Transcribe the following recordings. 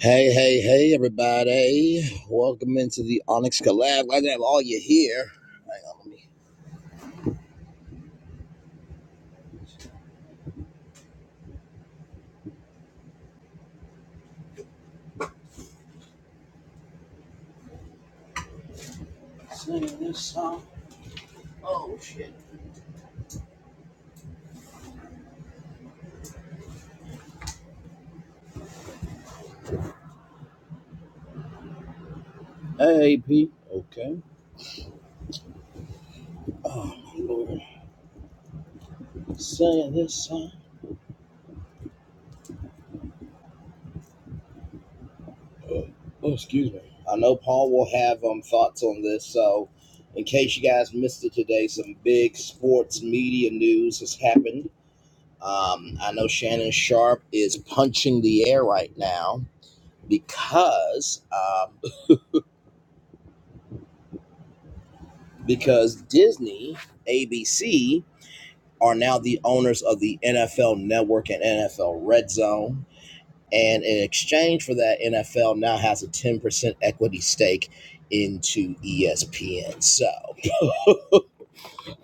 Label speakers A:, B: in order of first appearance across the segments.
A: Hey, hey, hey, everybody. Welcome into the Onyx Collab. Glad to have all you here. Hang on, let me sing this song. Oh, shit. Hey, Pete. Okay. Oh, my Lord. Sing this song. Oh, oh, excuse me. I know Paul will have um thoughts on this, so in case you guys missed it today, some big sports media news has happened. Um, I know Shannon Sharp is punching the air right now because um, because Disney, ABC are now the owners of the NFL Network and NFL Red Zone. And in exchange for that, NFL now has a 10% equity stake into ESPN. So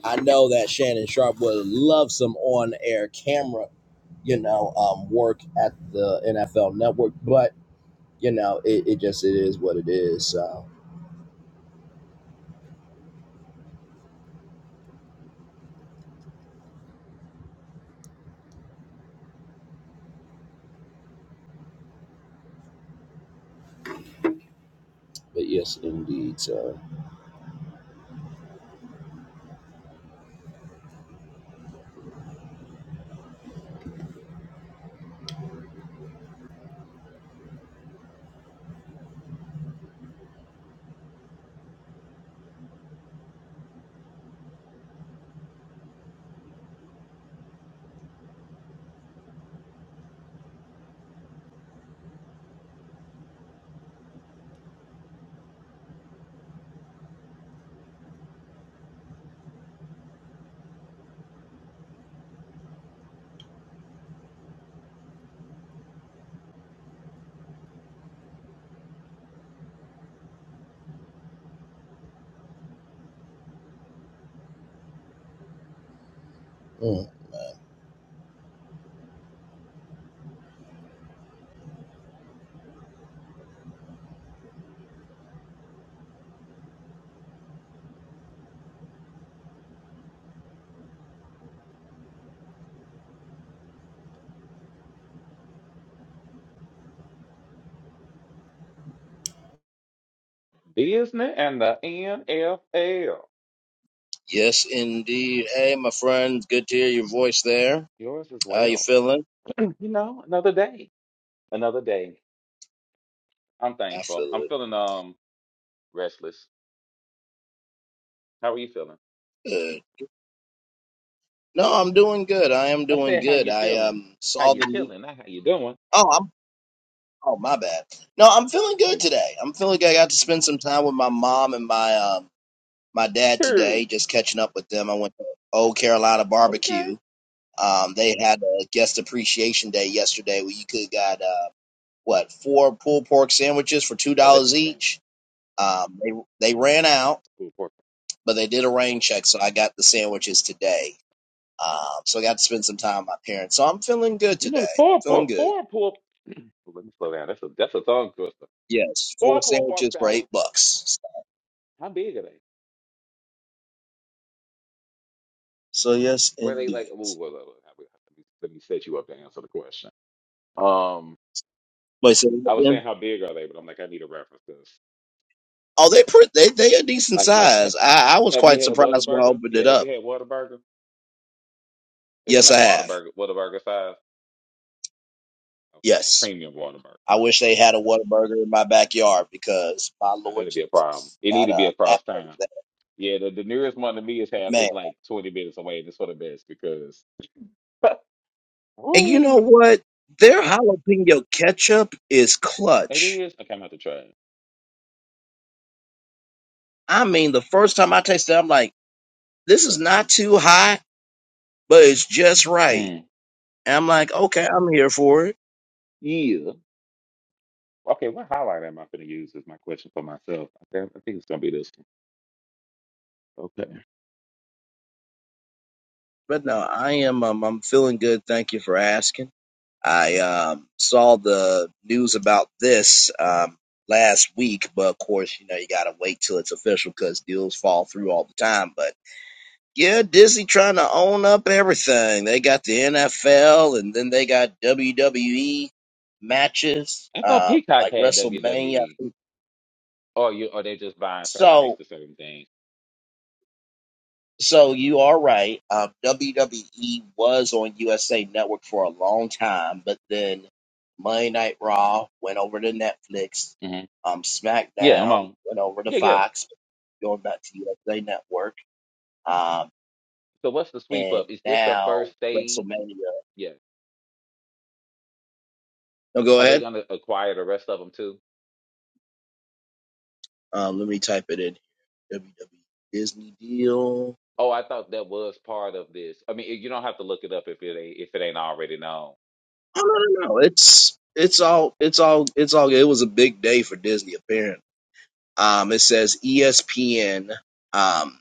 A: I know that Shannon Sharp would love some on air camera, you know, um, work at the NFL Network, but, you know, it, it just it is what it is. So, but yes, indeed. So, mm.
B: Disney and the NFL.
A: Yes, indeed. Hey, my friend, good to hear your voice there.
B: Yours as
A: How you
B: well.
A: feeling?
B: You know, another day. Another day. I'm
A: I
B: thankful. I'm
A: feel
B: feeling um restless. How are you feeling?
A: good. No, I'm doing good. I am
B: I
A: doing
B: said how
A: good.
B: you
A: I
B: feeling.
A: um
B: How
A: saw
B: you
A: the new.
B: feeling, not how you doing.
A: Oh, I'm. Oh, my bad. No, I'm feeling good
B: Good.
A: today. I'm feeling good. I got to spend some time with my mom and my um my dad today,
B: Good.
A: just catching up with them. I went to Old Carolina
B: Okay.
A: Barbecue. Um, they had a guest appreciation day yesterday where you could got uh what four pulled pork sandwiches for two
B: Well that's
A: dollars
B: intense.
A: each. Um, they they ran out.
B: Poor pork.
A: but they did a rain check, so I got the sandwiches today. Um, so I got to spend some time with my parents. So I'm feeling good
B: You
A: today.
B: know, poor
A: Feeling
B: pork
A: good.
B: poor pork well, let me slow down. That's a that's a tongue twister.
A: Yes, four
B: Poor poor pork
A: sandwiches for
B: tower.
A: eight bucks.
B: How big are they?
A: So yes,
B: Where they like
A: indeed.
B: ooh, well, well, well, let me let me set you up to answer the question. Um.
A: Wait, so
B: I was
A: them?
B: saying how big are they, but I'm like, I need a reference to this.
A: Oh, they pre- they they a decent
B: Like, like, ha-
A: size. I, I was
B: have you
A: quite
B: had
A: surprised when I
B: Whataburger?
A: opened
B: Yeah,
A: it
B: have
A: up.
B: you had Whataburger? Is it
A: Yes, I
B: like
A: have.
B: Whataburger, Whataburger size? Okay, like
A: Yes,
B: premium Whataburger.
A: I wish they had a Whataburger in my backyard because my
B: Now
A: Lord
B: that'd be a problem.
A: Jesus,
B: It need
A: that
B: to be
A: uh that
B: across
A: place,
B: town.
A: that
B: Yeah, the, the nearest one to me is have
A: man.
B: is like 20 minutes away, and for the best because,
A: And you know
B: woo,
A: what? Their jalapeno ketchup is
B: it
A: clutch.
B: is. Okay, I'm gonna have to try it.
A: I mean, the first time I tasted it, I'm like, this is not too high, but it's just right.
B: Mm.
A: And I'm like, okay, I'm here for it.
B: Yeah. Okay, what highlight am I gonna use is my question for myself. I think, I think it's gonna be this one. Okay.
A: But no, I am. Um, I'm feeling good. Thank you for asking. I um, saw the news about this um, last week, but of course, you know, you gotta wait till it's official because deals fall through all the time. But yeah, Disney trying to own up everything. They got the NFL, and then they got WWE matches,
B: I thought
A: uh,
B: Peacock
A: like
B: had
A: WrestleMania.
B: WWE. Or you or they just buying certain rights
A: So,
B: to certain things.
A: so you are right. Um, WWE was on USA Network for a long time, but then Monday Night Raw went over to Netflix.
B: hmm
A: Um,
B: Yeah, I'm
A: SmackDown
B: on.
A: went over to
B: Yeah, yeah.
A: Fox, going back to USA Network. Um,
B: So what's the sweep up?
A: and
B: Is this the
A: now
B: first stage?
A: WrestleMania.
B: Yeah.
A: No, go
B: Are they
A: ahead.
B: gonna acquire the rest of them too?
A: Um, let me type it in. WWE Disney deal.
B: Oh, I thought that was part of this. I mean, eh, you don't have to look it up if it ain't if it ain't already known.
A: Oh no, no, no. It's it's all it's all it's all. It was a big day for Disney, apparently. Um, it says ESPN, um,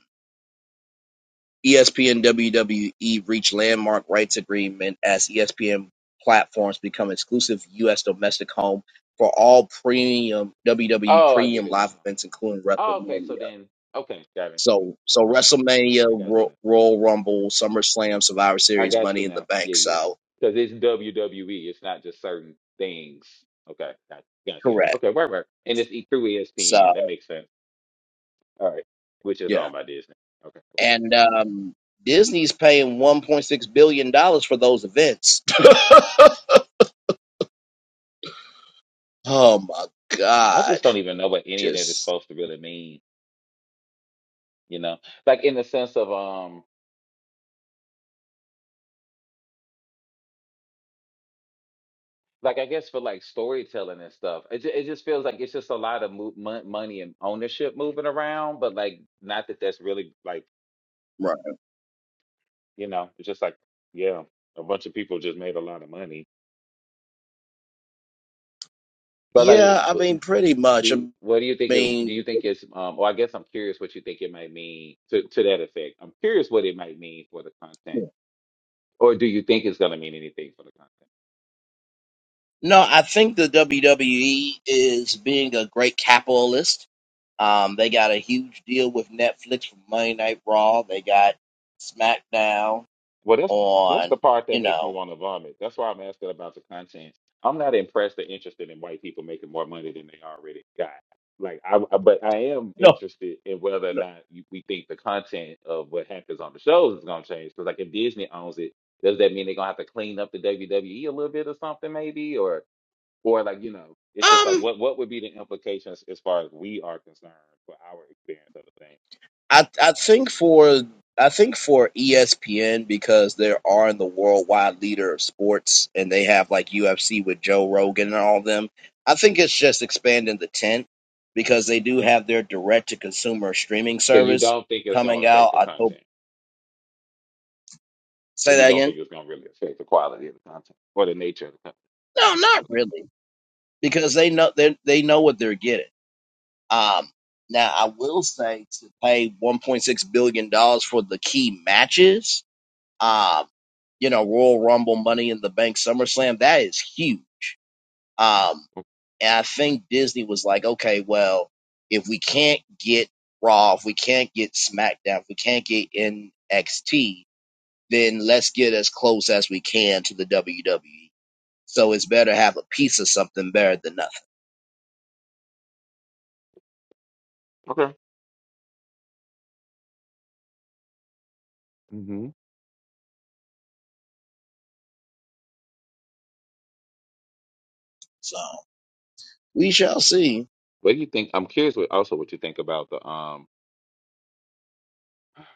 A: ESPN WWE reach landmark rights agreement as ESPN platforms become exclusive U.S. domestic home for all premium WWE
B: Oh, I get
A: premium
B: it
A: live
B: now.
A: events, including
B: Oh, okay. So
A: WrestleMania.
B: then, okay, got it.
A: So, so WrestleMania,
B: I got you
A: Ro-
B: now.
A: Royal Rumble, SummerSlam, Survivor
B: I
A: Series,
B: got
A: Money
B: you
A: in the
B: now.
A: Bank.
B: Yeah, yeah.
A: So,
B: Because it's WWE. It's not just certain things. Okay, got gotcha, gotcha.
A: correct.
B: Okay, right, right. And it's e- through
A: So,
B: ESPN. That makes sense. All right, which is
A: yeah,
B: all my Disney. Okay, cool.
A: and um, Disney's paying 1.6 billion dollars for those events. Oh my
B: I just
A: God.
B: don't even know what any of that is
A: Just
B: supposed to really mean. You know, like in the sense of um, like I guess for like storytelling and stuff, it ju- it just feels like it's just a lot of mo- mon- money and ownership moving around, but like not that that's really like
A: right.
B: you know, it's just like yeah, a bunch of people just made a lot of money. But like,
A: Yeah, I
B: w-
A: mean, pretty
B: do
A: much. I
B: you, what do you think is? Do you
A: mean,
B: think it's um? Well, I guess I'm curious what you think it might mean to to that effect. I'm curious what it might mean for the content Or do you think it's going to mean anything for the content?
A: no, I think the WWE is being a great capitalist. Um, they got a huge deal with Netflix for Monday Night Raw. They got SmackDown
B: Well, that's that's
A: on,
B: the part
A: you
B: that makes me
A: know.
B: want to vomit. That's why I'm asking about the content. I'm not impressed or interested in white people making more money than they already got. Like I, I- but I am interested in whether or not you- we think the content of what happens on the shows is going to change. Because like if Disney owns it, does that mean they're going to have to clean up the WWE a little bit or something maybe, or or like you know, it's just like
A: um.
B: what what would be the implications as far as we are concerned for our experience of the thing?
A: I I think for I think for ESPN because they are in the worldwide leader of sports and they have like UFC with Joe Rogan and all them. I think it's just expanding the tent because they do have their direct to consumer streaming
B: So you
A: service
B: don't think it's going
A: coming
B: to affect
A: out.
B: the
A: I hope
B: content. So
A: say
B: you
A: that
B: don't
A: again.
B: think it's going to really affect the quality of the content or the nature of the
A: No, not
B: content.
A: really because they know they they know what they're getting. Um, now I will say to pay 1.6 billion dollars for the key matches Um, you know, Royal Rumble, Money in the Bank, SummerSlam, that is huge. Um, and I think Disney was like, okay, well, if we can't get Raw, if we can't get SmackDown, if we can't get NXT, then let's get as close as we can to the WWE. So it's better to have a piece of something better than nothing.
B: Okay. Okay. hmm
A: So we shall see.
B: What do you think? I'm curious what, also what you think about the um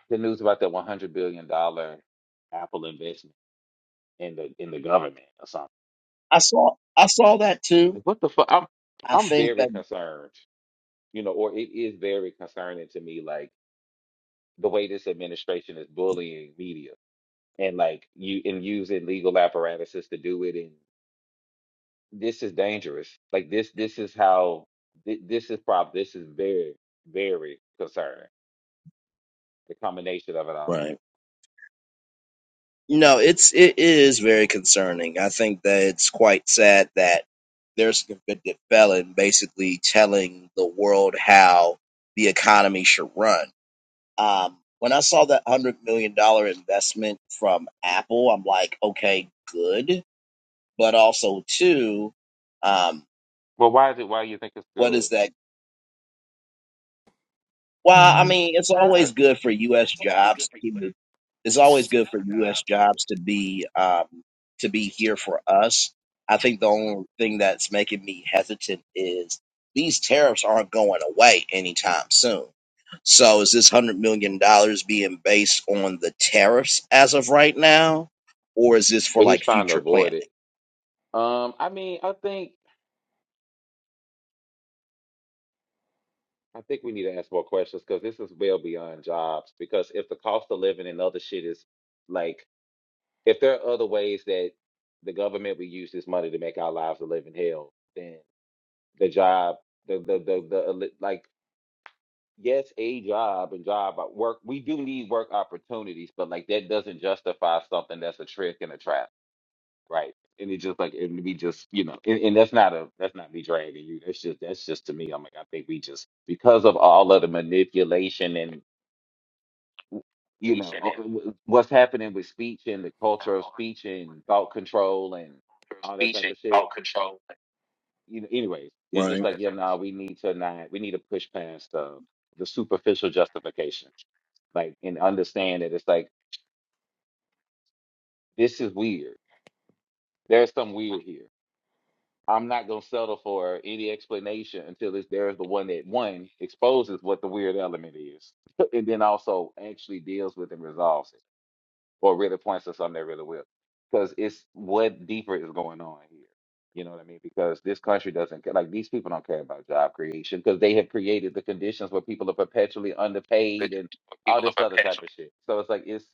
B: the news about that 100 billion dollar Apple investment in the in the government or something.
A: I saw I saw that
B: I'm
A: too.
B: like, what the fuck? I'm
A: I
B: I'm
A: think
B: very
A: that.
B: concerned. You know, or it is very concerning to me, like the way this administration is bullying media and like you and using legal apparatuses to do it this is dangerous. Like this, this is how thi- this is prob. This is very, very concerning. The combination of it all.
A: right. No, it's it is very concerning. I think that it's quite sad that there's a convicted felon basically telling the world how the economy should run. Um, when I saw that hundred million dollar investment from Apple, I'm like, okay, good, but also too, um,
B: Well, why is it? Why you think it's
A: what
B: good?
A: is that? Well,
C: Mm.
A: I mean, it's always
B: Right.
A: good for U.S. jobs to. it's always good for U.S. jobs to be um, to be here for us. I think the only thing that's making me hesitant is these tariffs aren't going away anytime soon. So is this hundred million dollars being based on the tariffs as of right now, or is this for
B: But he's
A: like
B: trying to
A: future
B: avoid
A: planning?
B: it. Um, I mean, I think I think we need to ask more questions because this is well beyond jobs. Because if the cost of living and other shit is like, if there are other ways that the government would use this money to make our lives a living hell, then the job, the the the, the the like. yes, a job and job at work. We do need work opportunities, but like that doesn't justify something that's a trick and a trap, right? And it just like and we just you know, and, and that's not a that's not me dragging you. That's just that's just to me. I'm like I think we just because of all of the manipulation and you know uh, w- what's happening with speech and the culture of speech and thought control and all that type of shit. You know, anyways, it's just
A: Right.
B: like yeah, nah, we need to not we need to push past the the superficial justification like and understand that it's like this is weird. There's some weird here. I'm not gonna settle for any explanation until it's there's the one that one exposes what the weird element is, and then also actually deals with and resolves it, or really points to something that really will, because it's what deeper is going on here. You know what I mean? Because this country doesn't care. Like these people don't care about job creation because they have created the conditions where people are perpetually underpaid and all this other type of shit. So it's like it's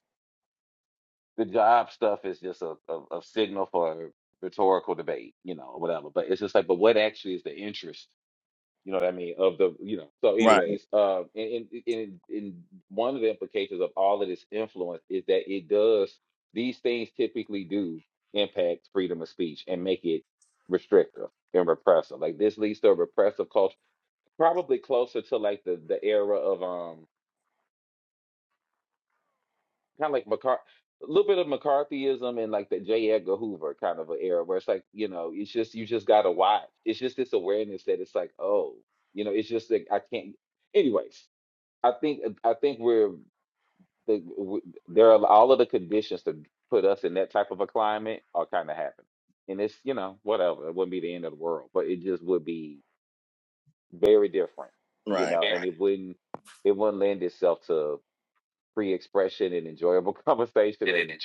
B: the job stuff is just a, a, a signal for rhetorical debate, you know, or whatever. But it's just like, but what actually is the interest, you know what I mean, of the, you know. So,
A: Right,
B: anyways, uh, in in in one of the implications of all of this influence is that it does these things typically do impact freedom of speech and make it restrictive and repressive. Like this leads to a repressive culture, probably closer to like the the era of um. kind of like McCarthy, a little bit of McCarthyism and like the J. Edgar Hoover kind of an era where it's like, you know, it's just you just gotta watch. It's just this awareness that it's like, oh, you know, it's just like I can't. Anyways, I think uh, I think we're the w- there are all of the conditions to put us in that type of a climate are kind of happening, and it's you know whatever. It wouldn't be the end of the world, but it just would be very different, you
A: right.
B: know, and it wouldn't it wouldn't lend itself to free expression and enjoyable conversation and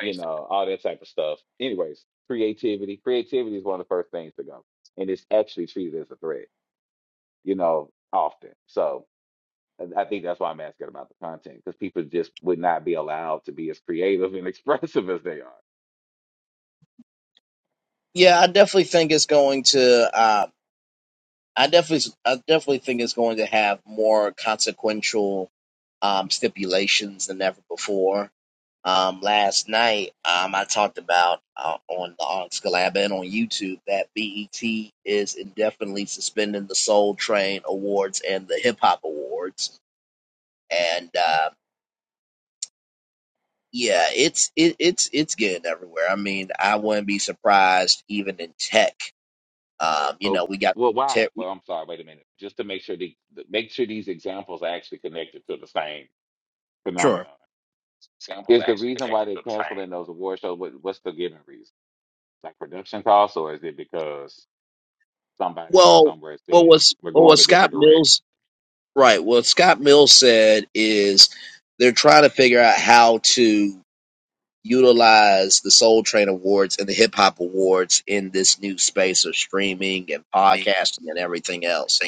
B: you know, all that type of stuff. Anyways, creativity. Creativity is one of the first things to go. And it's actually treated as a threat, you know, often. So and I think that's why I'm asking about the content, because people just would not be allowed to be as creative and expressive as they are.
A: Yeah, I definitely think it's going to. uh, I definitely, I definitely think it's going to have more consequential um, stipulations than ever before. Um, last night, um, I talked about uh, on on Scalab and on YouTube that BET is indefinitely suspending the Soul Train Awards and the Hip Hop Awards, and uh, yeah, it's it, it's it's getting everywhere. I mean, I wouldn't be surprised even in tech. Um, you
B: So
A: know, we got the
B: well, why?
A: tech.
B: Well, I'm sorry, wait a minute. Just to make sure the the- make sure these examples are actually connected to the same
A: Sure.
B: phenomenon. Is the reason why they're canceling those award shows what what's the given reason? Like production costs or is it because somebody from
A: Well,
B: somewhere
A: what
B: said
A: was
B: we're
A: what
B: going
A: was
B: a
A: Scott
B: different direction.
A: Mills right? What Scott Mills said is they're trying to figure out how to utilize the Soul Train Awards and the Hip Hop Awards in this new space of streaming and podcasting and everything else.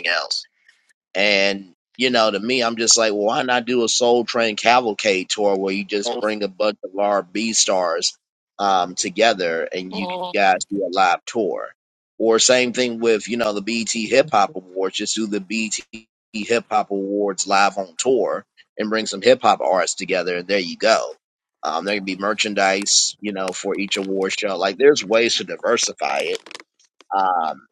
A: And you know, to me, I'm just like, well, why not do a Soul Train cavalcade tour where you just bring a bunch of large B stars um, together and you guys do a live tour? Or same thing with you know the BT Hip Hop Awards, just do the BT Hip Hop Awards live on tour and bring some hip hop artists together, and there you go. Um, there can be merchandise, you know, for each award show. Like, there's ways to diversify it. Um,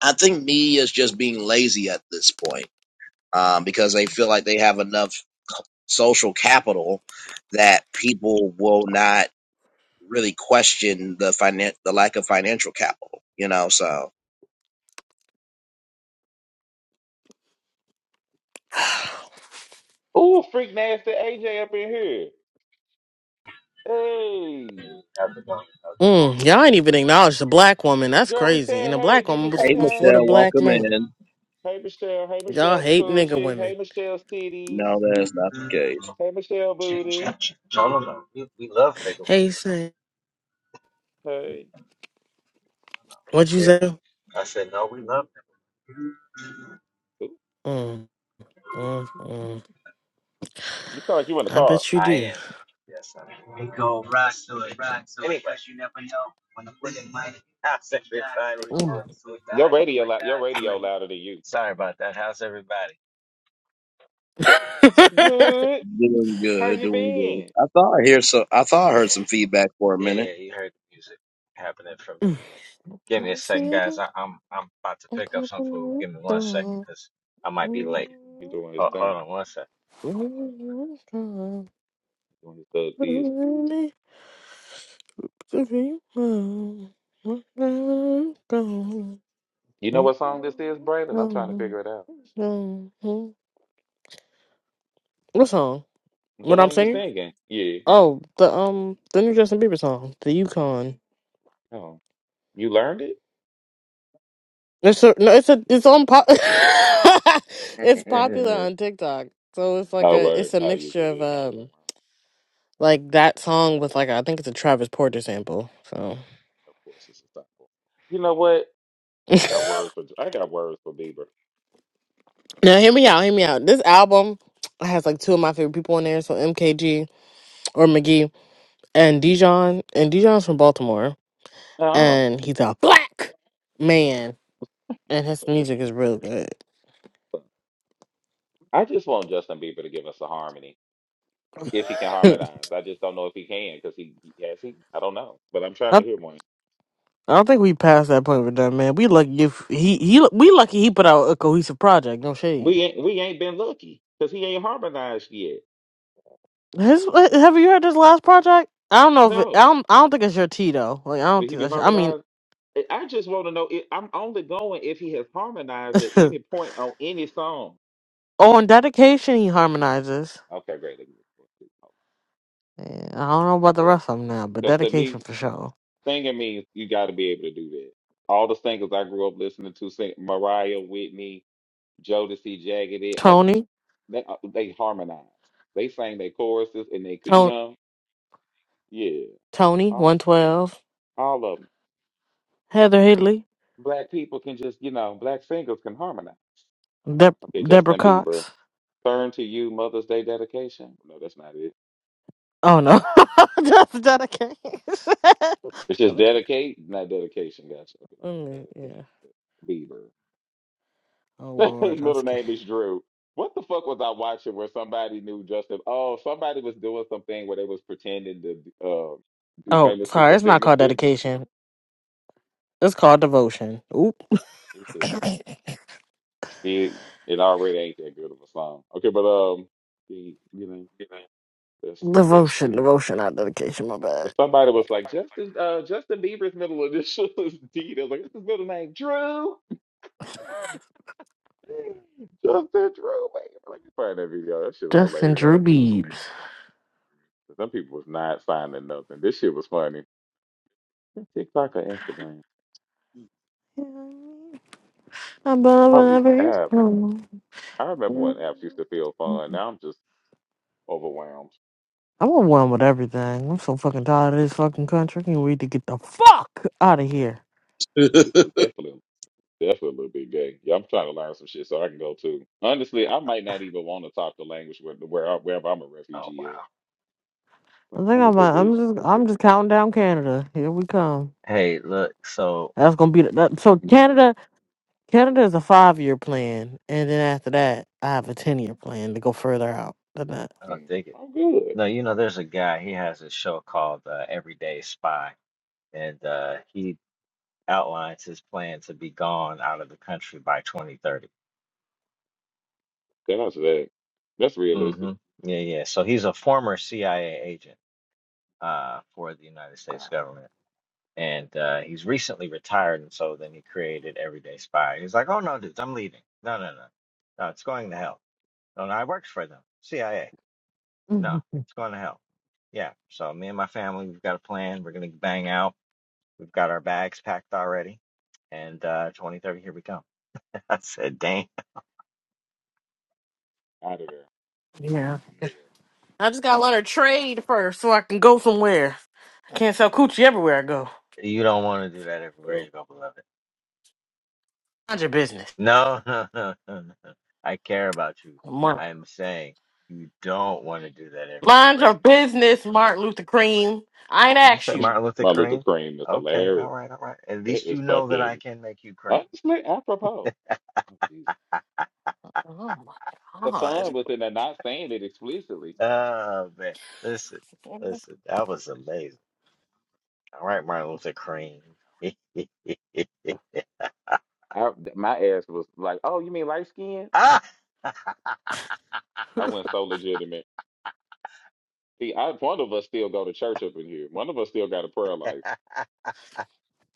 A: I think me is just being lazy at this point um, because they feel like they have enough social capital that people will not really question the finan- the lack of financial capital. You know, so
B: Ooh, freak nasty AJ up in here. Hey,
D: How's it going? How's it
C: Mm, y'all ain't even acknowledge the black woman. That's
B: girl, we
C: crazy. And
B: said
C: the
B: hey.
C: black
B: Did we
C: woman was
B: say
A: hey,
C: before
B: hey?
C: the
A: Michelle,
C: black
A: welcome
C: man.
A: in.
B: Hey Michelle. Hey
C: Y'all
B: Michelle
C: hate nigga
B: Scoochie.
C: women.
B: Hey Michelle Titties.
A: No,
D: going?
A: that's not the case.
B: Hey Michelle
D: Check,
B: Booty.
D: check, check. No, no, no. We, we love nigga women.
C: Hey, say,
B: Hey,
C: what you
D: Yeah.
C: say?
D: I said, no, we love them.
B: Ooh,
C: Mm, mm, mm.
B: you sound like you in the
C: I
B: car.
C: bet you
D: I
C: do.
D: am. Yes, I am. We go rock to it, rock to anyway. it. Anyway. You never know when a woman might. I said, this body.
C: Mm,
D: To it, die
B: Your
D: to
B: radio
D: it,
B: loud. Your
D: die to
B: radio
D: it.
B: louder than you.
D: Sorry about that. How's everybody?
B: Good.
A: Doing
B: How
A: good,
B: you
A: doing good.
B: been?
A: I thought I hear so. I thought I heard some feedback for a
D: Yeah,
A: minute.
D: yeah, you heard the music happening from me.
C: mm.
D: Give me a
C: You see
D: second, guys.
C: that?
D: I, I'm I'm about to
C: I'm
D: pick up
C: gonna
D: some food.
C: put it
D: Give me one second,
C: down.
D: cause I might be
C: Mm,
D: late.
B: He doing his
D: Oh,
B: thing.
D: hold on one second.
C: mm, mm, mm.
B: He Doing his thug
C: Mm,
B: things.
C: mm, mm.
B: You know what song this is, Braylon? I'm trying to
C: Mm,
B: figure it out.
C: mm, mm. What song?
B: The
C: What I'm
B: one you
C: singing?
B: singing. Yeah.
C: Oh, the um, the new Justin Bieber song, "The Yukon."
B: Oh, you learned
C: It's a, no, it's a, it's on pop. it's
B: it?
C: popular on TikTok, so it's like
B: Oh,
C: a,
B: word.
C: it's a
B: Oh, usually
C: mixture
B: it
C: of
B: is just the one.
C: um, like that song with like I think it's a Travis Porter sample. So
B: Of course, it's a cycle. You know what? I got
C: now,
B: words for I got words for Bieber.
C: hear me out, hear me out. This album has like two of my favorite people on there, so MKG or McGee and Dijon, and Dijon's from Baltimore,
B: Oh,
C: and he's a black man, and his
B: words.
C: music is real good.
B: I just want Justin Bieber to give us a harmony if he can harmonize. I just don't know if he can because he he- has he. I don't know, but I'm trying
C: I
B: to hear one.
C: I don't think we passed that point with that man. We lucky if he he we lucky he put out a cohesive project. No shade.
B: We ain't we ain't been lucky because he ain't harmonized yet.
C: His have you heard his last project? I don't know if it, I
B: No,
C: don't I don't think it's your T though. Like I don't
B: did he
C: think
B: be
C: that's your, I mean
B: harmonized? I I just want to know. If, I'm only going if he has harmonized at any point on any song.
C: on dedication he harmonizes.
B: Okay, great. Let me-
C: Yeah, I don't know about the rest of them now, but
B: Because to me,
C: dedication for sure.
B: Singing means you got to be able to do that. All the singers I grew up listening to, sing Mariah, Whitney, Jodeci, Jagged Edge, like
C: Tony,
B: they uh, they harmonize. They sang their choruses and they could, you
C: Tony,
B: know, yeah,
C: Tony, one
B: all
C: twelve.
B: all of them.
C: Heather Hidley,
B: Black people can just, you know, black singers can harmonize.
C: Deb-
B: Okay,
C: Deborah
B: Justin Bieber,
C: Cox.
B: turn to you, Mother's Day dedication. No, that's not it.
C: Oh no, that's dedication.
B: It's just dedicate, not dedication, Gotcha. Okay,
C: Mm,
B: dedicate,
C: yeah.
B: Bieber.
C: Oh
B: His
C: lord, I'm
B: middle
C: scared.
B: name is Drew. What the fuck was I watching where somebody knew Justin? Oh, somebody was doing something where they was pretending to um do
C: Oh,
B: famous
C: sorry,
B: people's
C: it's not called
B: signatures.
C: dedication. It's called devotion. Oop.
B: It's just it, it already ain't that good of a song. Okay, but um, the, you know, let's see.
C: devotion, devotion, not dedication, my bad.
B: But somebody was like Justin, uh, Justin Bieber's middle initial is D. They was like, "What's his middle name? Drew." Justin Drew, man. Let me find that video. That shit was
C: Justin
B: hilarious.
C: Drew Beebs.
B: Some people was not signing nothing. This shit was funny. TikTok or Instagram?
C: I'm
B: All these
C: never here.
B: apps.
C: I'm
B: I remember when apps used to feel fun. Now I'm just overwhelmed.
C: on one with everything. I'm so fucking tired of this fucking country. I need to get the fuck out of here.
B: This is definitely definitely a little bit gay. Yeah, I'm trying to learn some shit so I can go too. Honestly, I might not even want to talk the language where where I- wherever I'm a
D: Oh
B: refugee
D: wow.
B: at.
C: I
B: But
C: think I'm.
B: honestly,
C: uh, I'm
B: bitch,
C: just. I'm just counting down Canada. Here we come.
D: Hey, look, so
C: That's gonna be the, that, so Canada. Canada is a five year plan, and then after that, I have a ten year plan to go further out than that.
D: uh,
B: mm,
D: dig it.
B: I'm good.
D: No, you know, there's a guy, he has a show called uh, Everyday Spy, and uh, he outlines his plan to be gone out of the country by 2030.
B: Then that's that. That's realistic.
D: hmm Yeah, yeah. So he's a former CIA agent uh, for the United States
B: Nah,
D: government, and uh, he's recently retired, and so then he created Everyday Spy. He's like, oh, no, dudes, I'm leaving. No, no, no. No, it's going to hell. No, no, I worked for them, CIA. No, it's going to hell. Yeah. So me and my family, we've got a plan. We're gonna bang out. We've got our bags packed already. And uh 2030, here we come. I said, dang,
B: out of there.
C: Yeah, I just gotta learn a trade first so I can go somewhere. I can't sell coochie everywhere I go.
D: you don't want to do that everywhere
B: Well,
D: you go, beloved.
C: Mind your business,
D: No, no, no, no, no. I care about you.
C: Mark.
D: I am saying you don't want to do that
C: Mind
D: everywhere.
C: your business, Martin Luther Cream. I ain't
D: Did you
C: asked
D: say
C: you.
D: Martin Luther
B: my Luther
D: King?
B: cream is
D: Okay,
B: hilarious.
D: all right, all right. At
B: It
D: least
B: is
D: you know that I
B: fucking
D: can make you cream.
B: honestly apropos. Oh, Jesus.
C: Oh my
B: The
C: god,
B: fun was in the not saying it explicitly.
D: Oh man. Listen, listen, that was amazing. All right, Martin Luther Crane.
B: I my ass was like, "Oh, you mean light skin?"
D: ah!
B: I went so legitimate. See, I one of us still go to church up in here. One of us still got a prayer life.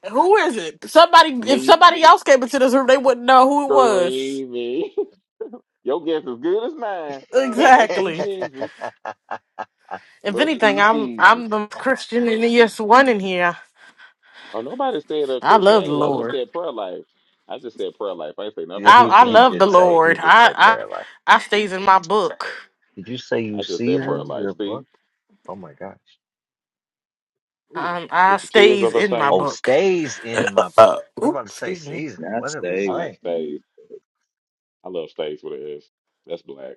C: who is it? Somebody. If
B: Me,
C: somebody else came into this room, they wouldn't know who it was.
B: Kareem, your guess as good as mine. Must be
C: Exactly.
B: Jesus.
C: If
B: Must
C: anything,
B: be
C: I'm
B: Jesus.
C: I'm the Christian and the yes one in here.
B: Oh, nobody said uh,
C: I love the
B: Christianity. I just
C: Lord.
B: said prayer life. I just said prayer life. I ain't say nothing
D: he
B: about
C: I I
D: he
C: love
B: Christianity.
C: the
D: did say he
C: Lord.
D: did say
C: I I
D: prayer life.
C: I stays in my book.
D: Did you say you
B: I just said prayer
C: Um,
D: season
B: life.
D: your
B: See,
D: book? Oh my gosh.
B: Ooh.
C: I
B: with the tears
C: stays
B: of a
C: in my
B: saint,
D: Oh,
C: book.
D: stays in my book.
C: Uh,
D: I was
C: oops,
D: about to say
C: excuse me.
D: season.
A: That's
D: What are we
A: day
B: I like
D: saying?
B: stays. I love stays with an S. That's black.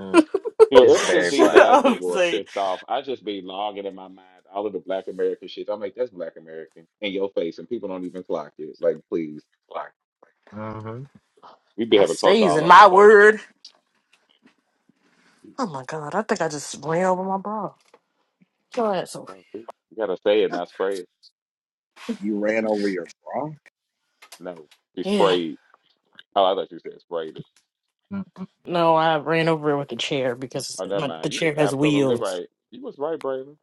D: Mm,
B: You know,
D: it's
B: ever since
D: very
B: these
C: Shut
D: black.
B: diaspora
C: up,
B: wars
C: say
B: kicked off, I just be logging in my mind all of the Black American shit. I'm like, that's Black American in your face, and people don't even clock it. Like, please,
D: hmm
B: we be
C: I
B: having culture
C: stays
B: all
C: in
B: over the
C: my
B: place.
C: word. Oh my God, I think I just ran over my bra. Go ahead, Sophie.
B: Well, we- You gotta say it, not spray it.
A: you ran over your bra.
B: No, you
C: Yeah,
B: sprayed. Oh, I thought you said sprayed it.
D: hmm
C: no, I ran over it with the chair because
B: Oh, never
C: my, the
B: mind. You
C: chair
B: was
C: has
B: absolutely
C: wheels.
B: right. You was right, Braylon.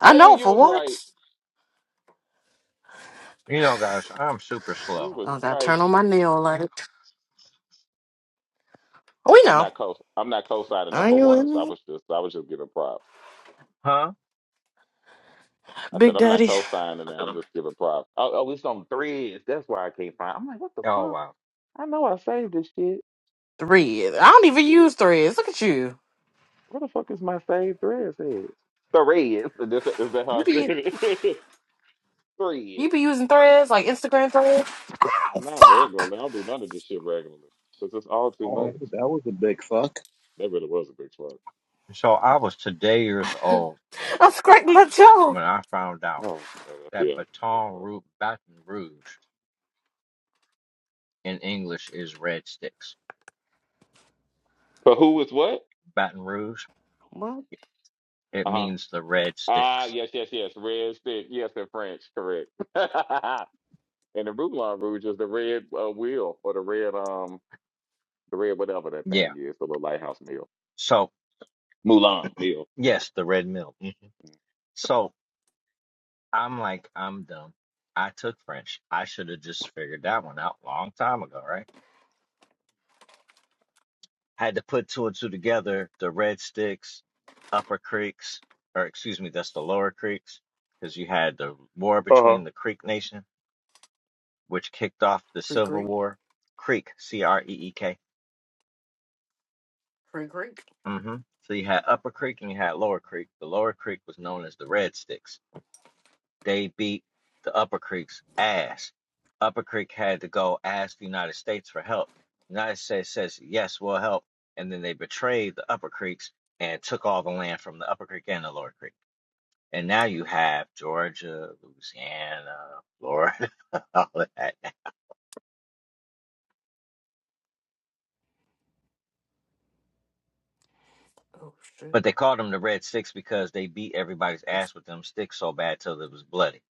C: I
B: Braylon,
C: know
B: you
C: for
B: was right.
C: once.
D: You know, guys, I'm super
B: You
D: slow.
B: was
C: I gotta
B: right.
C: turn on my nail light. We
B: I'm
C: know.
B: not co. I'm not co-signing it
C: I
B: for
C: ain't with
B: once. I
C: me.
B: was just, I was just giving props.
D: Huh?
B: I said,
C: Big
B: I'm not
C: Daddy.
B: co-signing that. I'm just giving props. Oh, oh, it's on threads. That's why I can't find. I'm like, what the
D: Oh
B: fuck?
D: wow.
B: I know I saved this shit.
C: Threads. I don't even use threads. Look at you.
B: Where the fuck is my saved threads at? Threads. Is that is that how I
C: You
B: spell
C: be
B: it? threads.
C: you be using threads like Instagram threads? Oh
B: Not regularly.
C: fuck!
B: I don't do none of this shit regularly. Because it's all too much.
A: Oh, that was a big fuck.
B: That really was a big fuck.
D: So I was today years old
C: I scraped my toe.
D: when I found out
B: Oh, uh,
D: that
B: yeah. Big
D: Baton
B: fuck.
D: Rouge, Baton Rouge in English is red sticks.
B: But who is what?
D: Baton Rouge,
C: What?
D: it
B: Uh-huh.
D: means the red
B: Ah,
D: sticks.
B: yes, yes, yes. Red stick. Yes, in French. Correct. and the Roulon Rouge is the red uh, wheel or the red um the red whatever that thing
D: Yeah.
B: is, the little lighthouse meal,
D: So,
B: Mulan meal. Yeah.
D: yes, the red mill. hmm So, I'm like, I'm dumb. I took French. I should have just figured that one out a long time ago, right? Had to put two and two together the red sticks, upper creeks, or excuse me, that's the lower creeks, because you had the war
B: Uh huh.
D: between the Creek Nation, which kicked off the Civil War. Creek, C R E E K hmm So you had Upper Creek and you had Lower Creek. The Lower Creek was known as the Red Sticks. They beat the Upper Creek's ass. Upper Creek had to go ask the United States for help. United States says, yes, we'll help. And then they betrayed the Upper Creeks and took all the land from the Upper Creek and the Lower Creek. And now you have Georgia, Louisiana, Florida, all of that.
C: Oh shit.
D: But they called them the Red Sticks because they beat everybody's
C: It's-
D: ass with them sticks so bad till it was bloody.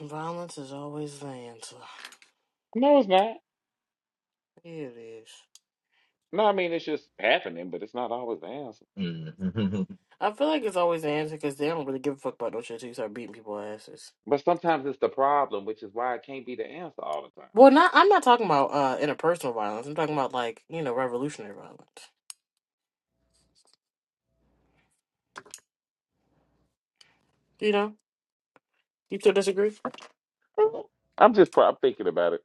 C: Violence is always the answer.
B: No, it's not.
C: It is.
B: No, I mean it's just happening, but it's not always the answer.
C: I feel like it's always the answer because they don't really give a fuck about no shit until you start beating people asses.
B: But sometimes it's the problem, which is why it can't be the answer all the time.
C: Well, not I'm not talking about uh interpersonal violence. I'm talking about like you know revolutionary violence. You know, you still disagree?
B: Oh, I'm just pro- I'm thinking about it.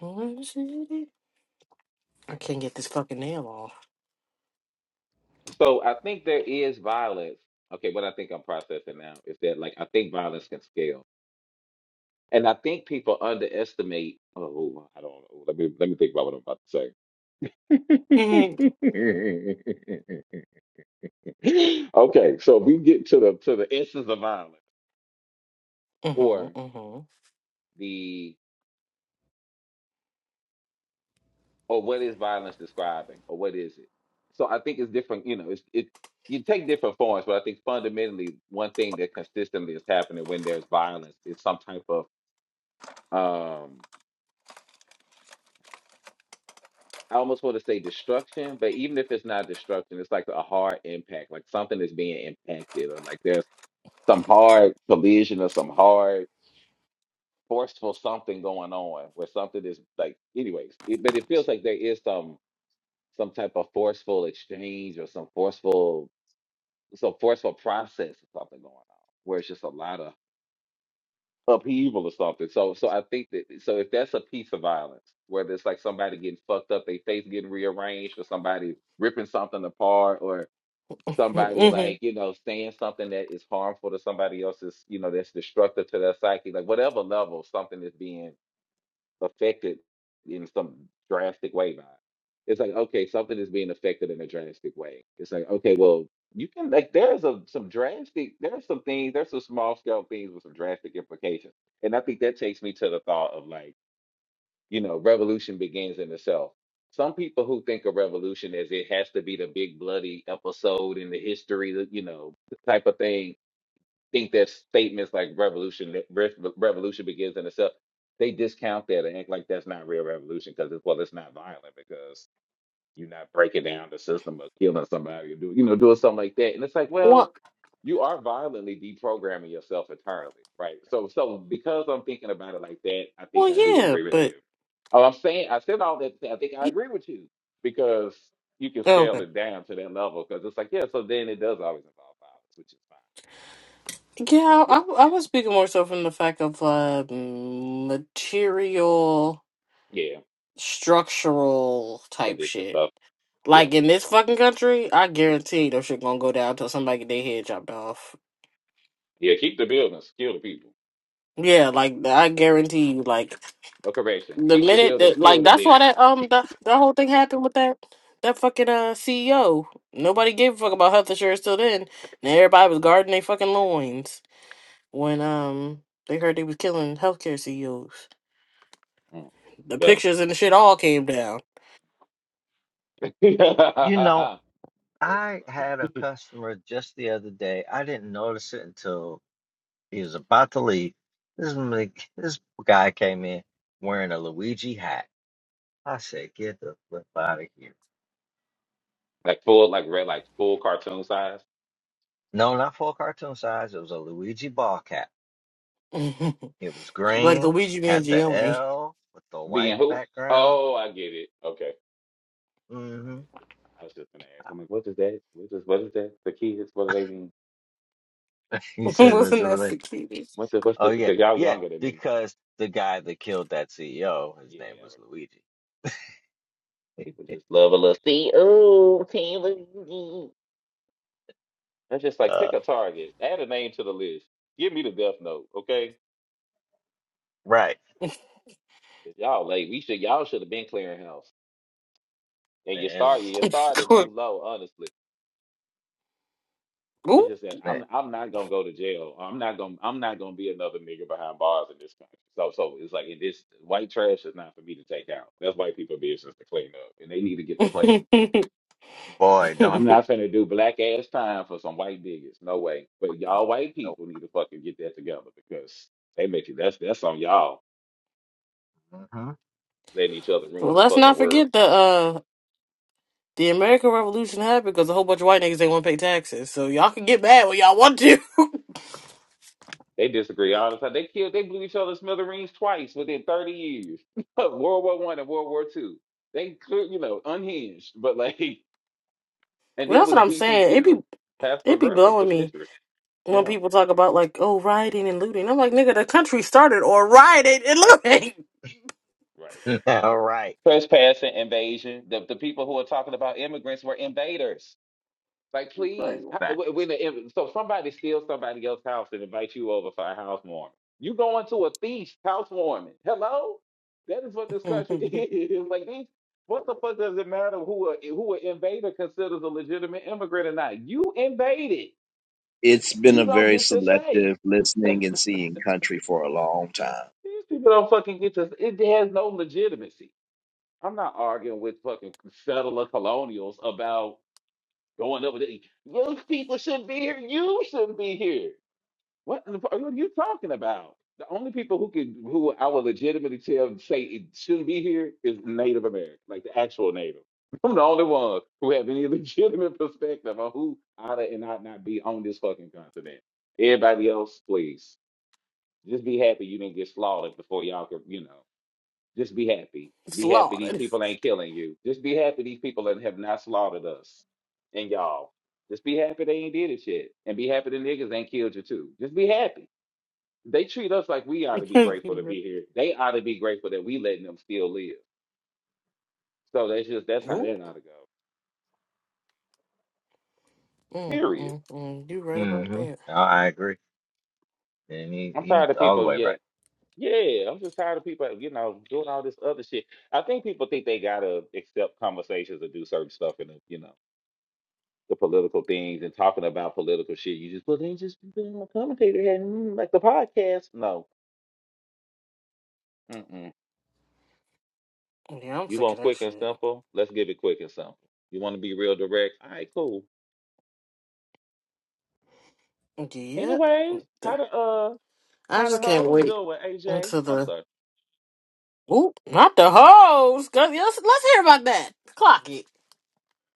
C: I can't get this fucking nail
B: So I think there is violence. Okay, what I think I'm processing now is that like I think violence can scale, and I think people underestimate. Oh, I don't know. Let me let me think about what I'm about
C: off.
B: to say. Okay, so if we get to the to the essence of violence or
C: Mm-hmm. Mm-hmm.
B: the or what is violence describing or what is it? So I think it's different, you know, it's it you take different forms, but I think fundamentally one thing that consistently is happening when there's violence is some type of um I almost want to say destruction, but even if it's not destruction, it's like a hard impact, like something is being impacted or like there's some hard collision or some hard forceful something going on where something is like anyways it, but it feels like there is some some type of forceful exchange or some forceful some forceful process or something going on where it's just a lot of upheaval or something so so i think that so if that's a piece of violence whether it's like somebody getting fucked up their face getting rearranged or somebody ripping something apart or somebody
C: Mm-hmm.
B: like you know saying something that is harmful to somebody else's you know that's destructive to their psyche like whatever level something is being affected in some drastic way by it. It's like, okay, something is being affected in a drastic way. It's like, okay, well, you can like there's a some drastic there's some things, there's some small scale things with some drastic implications. And I think that takes me to the thought of like, you know, revolution begins in the self. Some people who think of revolution as it has to be the big bloody episode in the history, you know, type of thing think that statements like revolution re- revolution begins in itself they discount that and act like that's not real revolution because it's well it's not violent because you're not breaking down the system or killing somebody or do you know doing something like that and it's like well
C: Well,
B: you are violently deprogramming yourself entirely right so so because i'm thinking about it like that i think
C: well,
B: i do
C: yeah,
B: agree with
C: but
B: you oh i'm saying i said all that to say i think i
C: y-
B: agree with you because you can scale
C: okay.
B: it down to that level because it's like yeah so then it does always involve violence which is fine
C: Yeah,
B: yeah
C: I, I was speaking more so from the fact of uh, material,
B: yeah
C: structural type
B: condition
C: shit.
B: stuff. Yeah.
C: Like in this fucking country, I guarantee no shit gonna go down until somebody get their head chopped off.
B: Yeah, keep the buildings, kill the people.
C: Yeah, like I guarantee you, like
B: No correction.
C: the
B: Keep the
C: minute
B: buildings,
C: that
B: kill
C: like
B: the
C: that's why
B: bigot.
C: that um the the whole thing happened with that that fucking uh CEO. Nobody gave a fuck about health insurance till then. And everybody was guarding their fucking loins when um they heard they was killing healthcare CEOs.
B: Mm.
C: The
B: Well
C: pictures and the shit all came down.
D: you know,
B: That is
D: I
B: funny.
D: had a customer just the other day. I didn't notice it until he was about to leave. This m- this guy came in wearing a Luigi hat. I said, "Get the flip out of here!"
B: like full like red like full cartoon size.
D: No, not full cartoon size. It was a Luigi ball cap.
C: like
D: It was green,
C: Luigi
D: had the
C: Mangione.
D: L with the
B: Being
D: white
B: who?
D: background.
B: Oh, I get it. Okay. I
D: hmm
B: missed it. I was just gonna ask. I'm like, what is that? What is what is that? The kids, what do they mean?
D: He said it was
C: Wasn't
D: a
C: that the
D: related.
C: cutest?
B: What the what's
D: Oh
B: the
D: yeah,
B: cause y'all
D: yeah,
B: younger than me.
D: because the guy that killed that CEO, his
B: Yeah,
D: name
B: I
D: was
B: remember.
D: Luigi.
B: people just love a little see oh Taylor. That's just like pick
D: uh,
B: a target, add a name to the list. Give me the death note, okay?
D: right,
B: 'Cause Y'all like we should y'all should have been clearing house. And you
D: man.
B: start
D: Listen,
B: you're starting too low, honestly. It's
C: Ooh.
B: just that
D: man.
B: I'm I'm not gonna go to jail. I'm not gonna I'm not gonna be another nigga behind bars in this country. So so it's like this white trash is not for me to take out. That's white people business to clean up and they need to get to clean.
D: Boy,
C: well,
B: I'm
D: don't they?
B: not finna do black ass time for some white niggas. No way. But y'all white
D: Nope.
B: people need to fucking get that together because they make it that's that's on y'all
D: Mhm.
B: letting each other ruin the
C: let's
B: fucking
C: not
B: world.
C: forget the uh the American Revolution happened because a whole bunch of white niggas ain't want to pay taxes. So y'all can get mad when y'all want
B: They disagree all the time. They killed, they blew each other smithereens twice within 30 years. World War One and World War Two. They, clear- you know, unhinged, but like, and
C: Well,
B: then
C: that's
B: was
C: what I'm
B: beefing, you
C: saying. It be
B: know, passive
C: it be
B: aggressive for
C: blowing me
B: centuries.
C: when
B: Yeah,
C: people talk about like, oh, rioting and looting. I'm like, nigga, the country started or rioting and looting.
B: right.
D: all right.
B: Trespassing, invasion. The the people who are talking about immigrants were invaders. Like,
C: Like,
B: please, how- wh- when
D: Facts.
B: the, if, so somebody steals somebody else's house and invites you over for a housewarming. You going to a feast housewarming? Hello, that is what this country is. like, these, what the fuck does it matter who a who an invader considers a legitimate immigrant or not? You invaded.
A: It's been a
B: You don't
A: very
B: get to say.
A: selective listening and seeing country for a long time.
B: These people don't fucking get to. It has no legitimacy. I'm not arguing with fucking settler colonials about going over there. Those people shouldn't be here. You shouldn't be here. What in the fuck are you talking about? The only people who could who I will legitimately tell say it shouldn't be here is Native American, like the actual Native. I'm the only one who have any legitimate perspective on who oughta and ought not be on this fucking continent. Everybody else, please, just be happy you didn't get slaughtered before y'all could, you know. Just be happy. Be happy these
C: slaughtered.
B: people ain't killing you. Just be happy these people that have not slaughtered us and y'all. Just be happy they ain't did it shit. And be happy the niggas ain't killed you too. Just be happy they treat us like we ought to be grateful to be here. They ought to be grateful that we letting them still live. So that's just that's how that
C: Nope.
B: ought to go.
C: Mm,
B: Period.
C: mm, mm. You right
D: mm
C: about
D: hmm
C: that.
D: I agree. And he,
B: I'm
D: he's
B: tired of
D: all the
B: people.
D: way
B: Yeah,
D: right.
B: yeah. I'm just tired of people. You know, doing all this other shit. I think people think they gotta accept conversations or do certain stuff and you know the political things and talking about political shit. You just well then just be being a commentator had like the podcast. No, Mm-mm.
C: Yeah, I'm
B: you
C: sick of
B: want
C: that
B: quick and
C: shit.
B: simple? Let's give it quick and simple. You want to be real direct? All right, cool.
C: Yeah.
B: Anyways, how to uh
C: I
B: How the
C: just can't
B: hoes
C: wait
B: doing, AJ?
C: until
B: I'm
C: the
B: sorry.
C: oop, not the hoes. 'Cause yeah, Let's, let's hear about that. Clock it,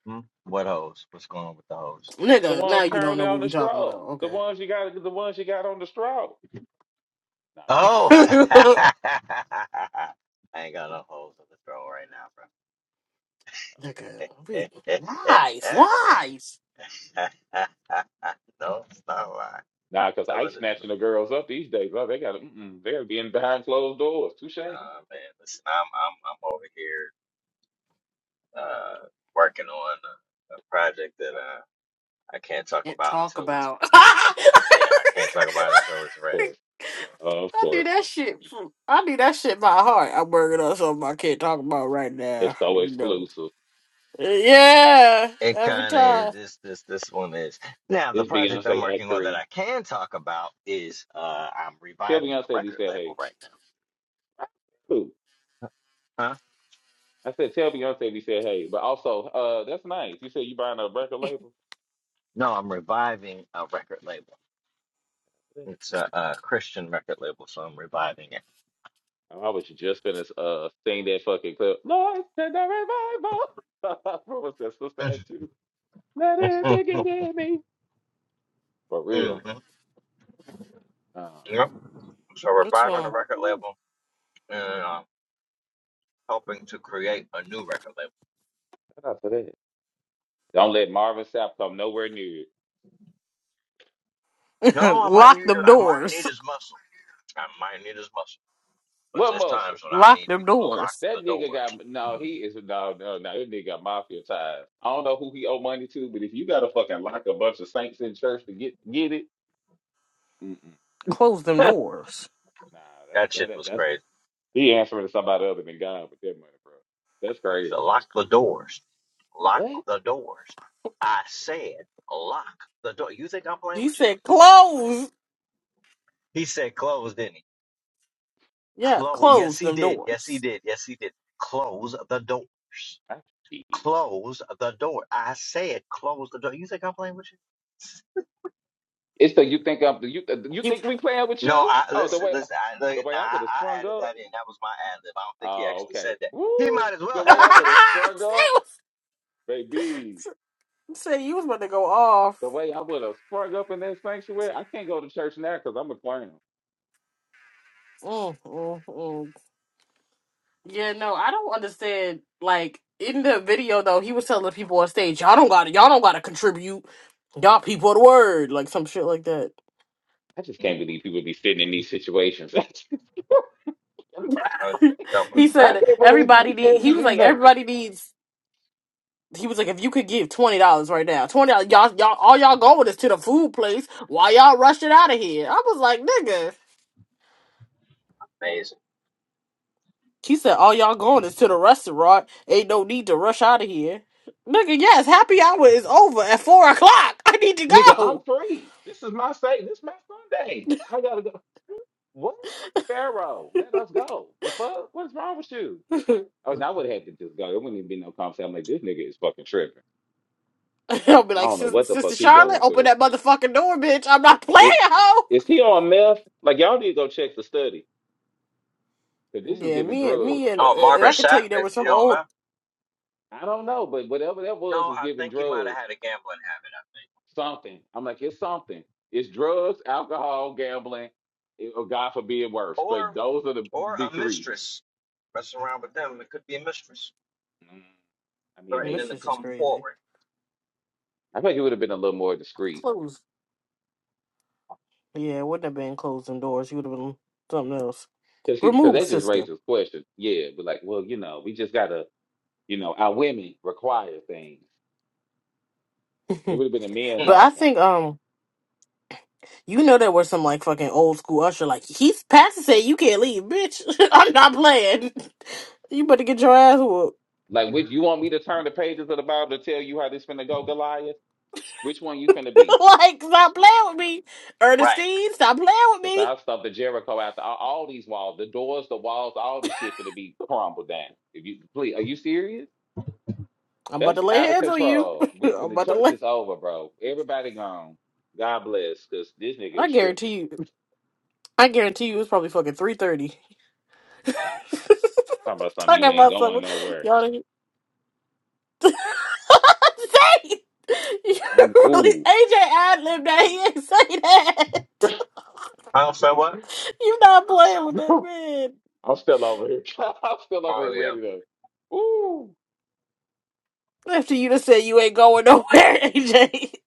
D: Hmm? What hoes? What's going on with the hoes?
B: The
C: nigga. Now
B: ones
C: you don't
B: currently
C: know
B: on
C: what
B: the
C: we talking
B: straw.
C: about.
B: The ones you got. The ones you got on the straw. Nah, I'm just kidding.
D: Oh!
B: You ain't
C: Okay.
D: I ain't got no hoes on the throw right now, bro.
C: Nigga, we lies, lies.
D: no, it's not a lie.
B: got nothing. Okay. Nah, because
D: Telling
B: ice
D: the
B: snatching
D: truth.
B: the girls up these days. Oh, they got. Mm-mm, they're being behind closed doors. Touche. Mm,
D: Nah, man. Listen, I'm, I'm, I'm over here uh, working on a, a project that uh, I can't talk
C: Can't
D: about
C: talk
D: until it's
C: about. I
B: of course.
D: Yeah, I can't talk about it until it's
B: Of
D: ready.
B: course. Of
C: do
B: course.
C: that shit. from- I do that shit by heart. I'm working on something I can't talk about right now.
B: It's so
C: You know.
B: exclusive.
C: Yeah,
D: It
C: every
D: kind of
C: time.
D: this this this one is now the
B: It's
D: project I'm
B: Beyonce Act
D: working on that
B: Three.
D: I can talk about is uh I'm
B: Tell
D: reviving a
B: Beyonce we
D: record
B: said
D: label
B: hey.
D: right now.
B: Who?
D: Huh?
B: I said tell Beyonce we said hey. But also, uh, that's nice. You said you buying a record label.
D: No, I'm reviving a record label.
B: Yeah.
D: It's a, a Christian record label, so I'm reviving
B: I was just gonna uh sing that fucking clip. Lord, send a revival. what was that supposed to
D: it.
B: act to? Let it
D: Mhm.
B: begin in me. For real.
D: Mhm.
B: Um,
D: Yep. So
C: What's
D: reviving a
B: shout
C: wrong?
B: out
D: record
B: to that.
D: label and uh, helping to create a new record label.
B: Shout out to that. Don't let Marvin Sapp come nowhere near it.
D: No, I might
C: Lock
D: need
C: them
D: I might
C: doors.
D: need his muscle. I might need his muscle. But
B: What
D: there's
B: muscle?
D: times when I
C: Lock
D: need
C: them
D: people to lock
C: doors.
D: the
B: That nigga
D: doors.
B: got no. He is no, no, no. That nigga got mafia ties. I don't know who he owe money to, but if you gotta fucking lock a bunch of saints in church to get get it, mm-mm.
C: Close them
D: I,
B: nah,
C: doors.
B: that's
D: that
B: that,
D: shit
B: that.
D: was
B: That's
D: crazy.
B: he answering to somebody other than God with that money, bro. That's crazy.
D: Lock the doors. Lock
B: What?
D: the doors. I said, lock the door. You think I'm playing
C: He
D: with you?
C: said close.
D: He said, close, didn't he?
C: Yeah,
D: Close. Yes,
C: close
D: he
C: them
D: did. Yes, he
C: doors.
D: did. Yes, he did. Close the doors.
B: I see.
D: Close the door. I said, close the door. You think I'm playing with you?
B: It's the you think I'm you you
C: You.
B: think we playing with
D: No,
B: you?
D: I
B: Oh, the
D: listen,
B: way
D: listen. I,
B: the
D: like,
B: way
D: now
B: I would have
D: I, I
B: sprung
D: added
B: up.
D: that in. That was my ad lib. I don't think he
B: Oh,
D: actually
B: okay.
D: said that. He
B: Woo!
D: might as
B: The
D: well
B: way
D: have
B: I would have
D: though.
B: sprung
C: Say,
B: up, baby.
C: you was about to go off.
B: The way I would have sprung up in that sanctuary. I can't go to church now because I'm a clown.
C: Mm, mm, mm. Yeah, no, I don't understand. Like in the video though, he was telling the people on stage, "Y'all don't got to, y'all don't got to contribute. Y'all people of the word, like some shit like that."
B: I just can't believe people be sitting in these situations. I
D: Uh, That was
C: he
D: crazy,
C: said
B: can't believe
C: everybody
B: people still
C: need. He
B: be
C: was
B: in
C: like
B: there.
C: everybody needs. He was like, if you could give twenty dollars right now, twenty dollars, y'all, y'all, all y'all going is to the food place. Why y'all rushing out of here? I was like, nigga.
D: amazing.
C: He said, all y'all going is to the restaurant. Ain't no need to rush out of here, nigga. Yes, happy hour is over at four o'clock. I need to
B: Nigga, I'm
C: go.
B: free. This is my state. This is my Sunday. I gotta go. What? Pharaoh, let us go. The fuck? What's wrong with you? Oh, and I would have had to just go. It wouldn't even be no conversation. I'm like, this nigga is fucking tripping.
C: I'll be
B: I
C: like,
B: don't know what
C: "Sis-
B: the fuck
C: Sister
B: he
C: Charlotte,
B: going
C: open
B: through.
C: that motherfucking door, bitch. I'm not playing,
B: It
C: hoe.
B: is he on meth? Like y'all need to go check the study because this is
C: Yeah,
B: giving
C: me and
B: drugs.
C: me and, uh,
D: Oh,
C: and
D: Marvin
C: I can tell
D: Sapp,
C: you there was
D: if you
C: some
D: don't
C: old.
D: mind.
B: I don't know, but whatever that was
D: No,
B: is
D: I
B: giving
D: think he might have
B: drugs.
D: had a gambling habit, I think.
B: Something. I'm like, it's something. It's drugs, alcohol, gambling, it- or God forbid worse. But
D: Or
B: those are the
D: or
B: big
D: a
B: three.
D: mistress. Mess around with them. It could be a mistress
B: Mm, I mean,
C: And this
B: maybe.
D: threatening to
C: shit's just
D: come
C: crazy.
D: forward.
B: I think it would have been a little more discreet
C: Closed. Yeah, it wouldn't have been closing doors. You would have been something else.
B: because because
C: Remove,
B: that just
C: sister.
B: raises questions. Yeah, but like, well, you know, we just gotta You know, our women require things. It
C: but
B: would have been a man's
D: Hmm.
C: I
B: offering.
C: think um, you know there were some like fucking old school usher. Like he's past said, you can't leave, bitch. I'm not playing. You better get your ass whooped.
B: Like, which you want me to turn the pages of the Bible to tell you how this finna go, Goliath? Which one you finna be?
C: like stop playing with me,
D: Right.
C: Ernestine. Stop playing with
B: Because
C: me.
B: I'll stop the Jericho after all, all these walls, the doors, the walls, all the shit finna be crumbled down. If you please, are you serious?
C: I'm about
B: That's
C: to lay
B: out of
C: hands on you.
B: control.
C: I'm
B: We finna the
C: about to
B: church
C: lay.
B: is over, bro. Everybody gone. God bless, cause this nigga
C: I
B: is tripping.
C: guarantee you. I guarantee you, it's probably fucking three thirty.
B: Talking about something
C: Talking
B: you ain't
C: about
B: going
C: something,
B: nowhere.
C: y'all. Didn't... say you
B: Mm,
C: really
B: I'm
C: AJ ad lib that he ain't say that.
B: ooh.
D: Oh, so what?
C: you not playing with that man.
B: I'm still over here. I'm still over here
D: Oh yeah.
B: ready to. Ooh,
C: After you just said you ain't going nowhere, AJ.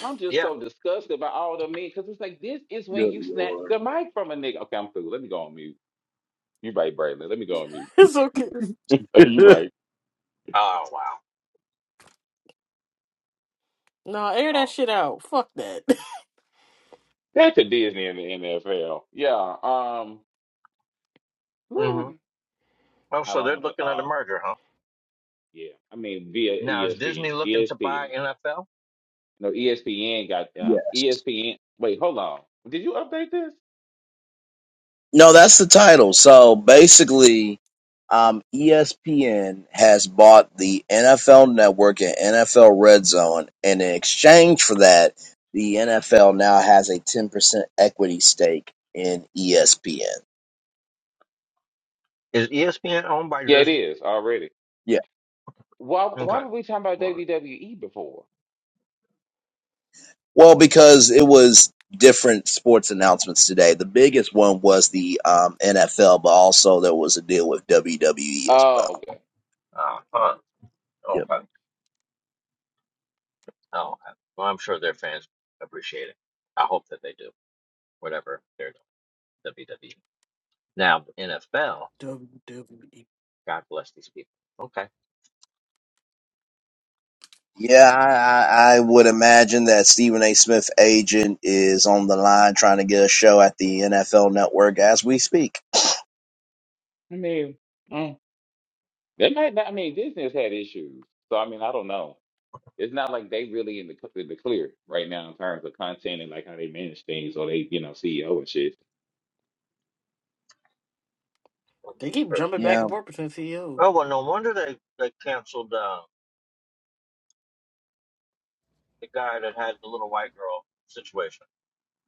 B: I'm just
D: Yeah.
B: so disgusted by all the men because it's like this is when
A: Good
B: you snatch
A: lord.
B: the mic from a nigga. Okay, I'm cool. Let me go on mute. You right, Braylon. Let me go on mute.
C: It's okay.
B: you right.
D: Oh wow.
C: No, air that
D: Oh.
C: shit out. Fuck that.
B: That's a Disney in the NFL. Yeah. Um.
D: hmm Oh,
B: I
D: so
B: don't
D: they're
B: have a
D: looking at a
B: thought.
D: murder, huh?
B: Yeah. I mean, via
D: Now, is Disney
B: ESPN.
D: looking to buy
B: ESPN.
D: NFL?
B: No, ESPN got um.
A: Yes.
B: ESPN. Wait, hold on. Did you update this?
A: No, that's the title. So basically, um, ESPN has bought the NFL Network and NFL Red Zone, and in exchange for that, the NFL now has a 10% equity stake in ESPN.
D: Is ESPN owned by
B: Yeah, it
D: Disney?
B: is already.
A: Yeah.
B: Why? Why
D: Okay.
B: were we talking about
D: Mm,
B: WWE before?
A: Well, because it was different sports announcements today. The biggest one was the um, NFL, but also there was a deal with WWE as
B: Oh,
A: well.
B: okay.
D: Uh, uh, okay. Oh, I- well, I'm sure their fans appreciate it. I hope that they do, whatever they're doing, WWE. Now, NFL,
C: WWE.
D: God bless these people. Okay.
A: Yeah, I, I, I would imagine that Stephen A. Smith agent is on the line trying to get a show at the NFL Network as we speak.
B: I mean, mm, they might not. I mean, Disney's had issues, so I mean, I don't know. It's not like they really in the cl- in the clear right now in terms of content and like how they manage things or they, you know, CEO and shit.
C: They keep
D: Oh,
C: jumping back
A: Yeah,
C: and forth between CEO.
D: well, no wonder they, they canceled uh, the guy that had the little white girl situation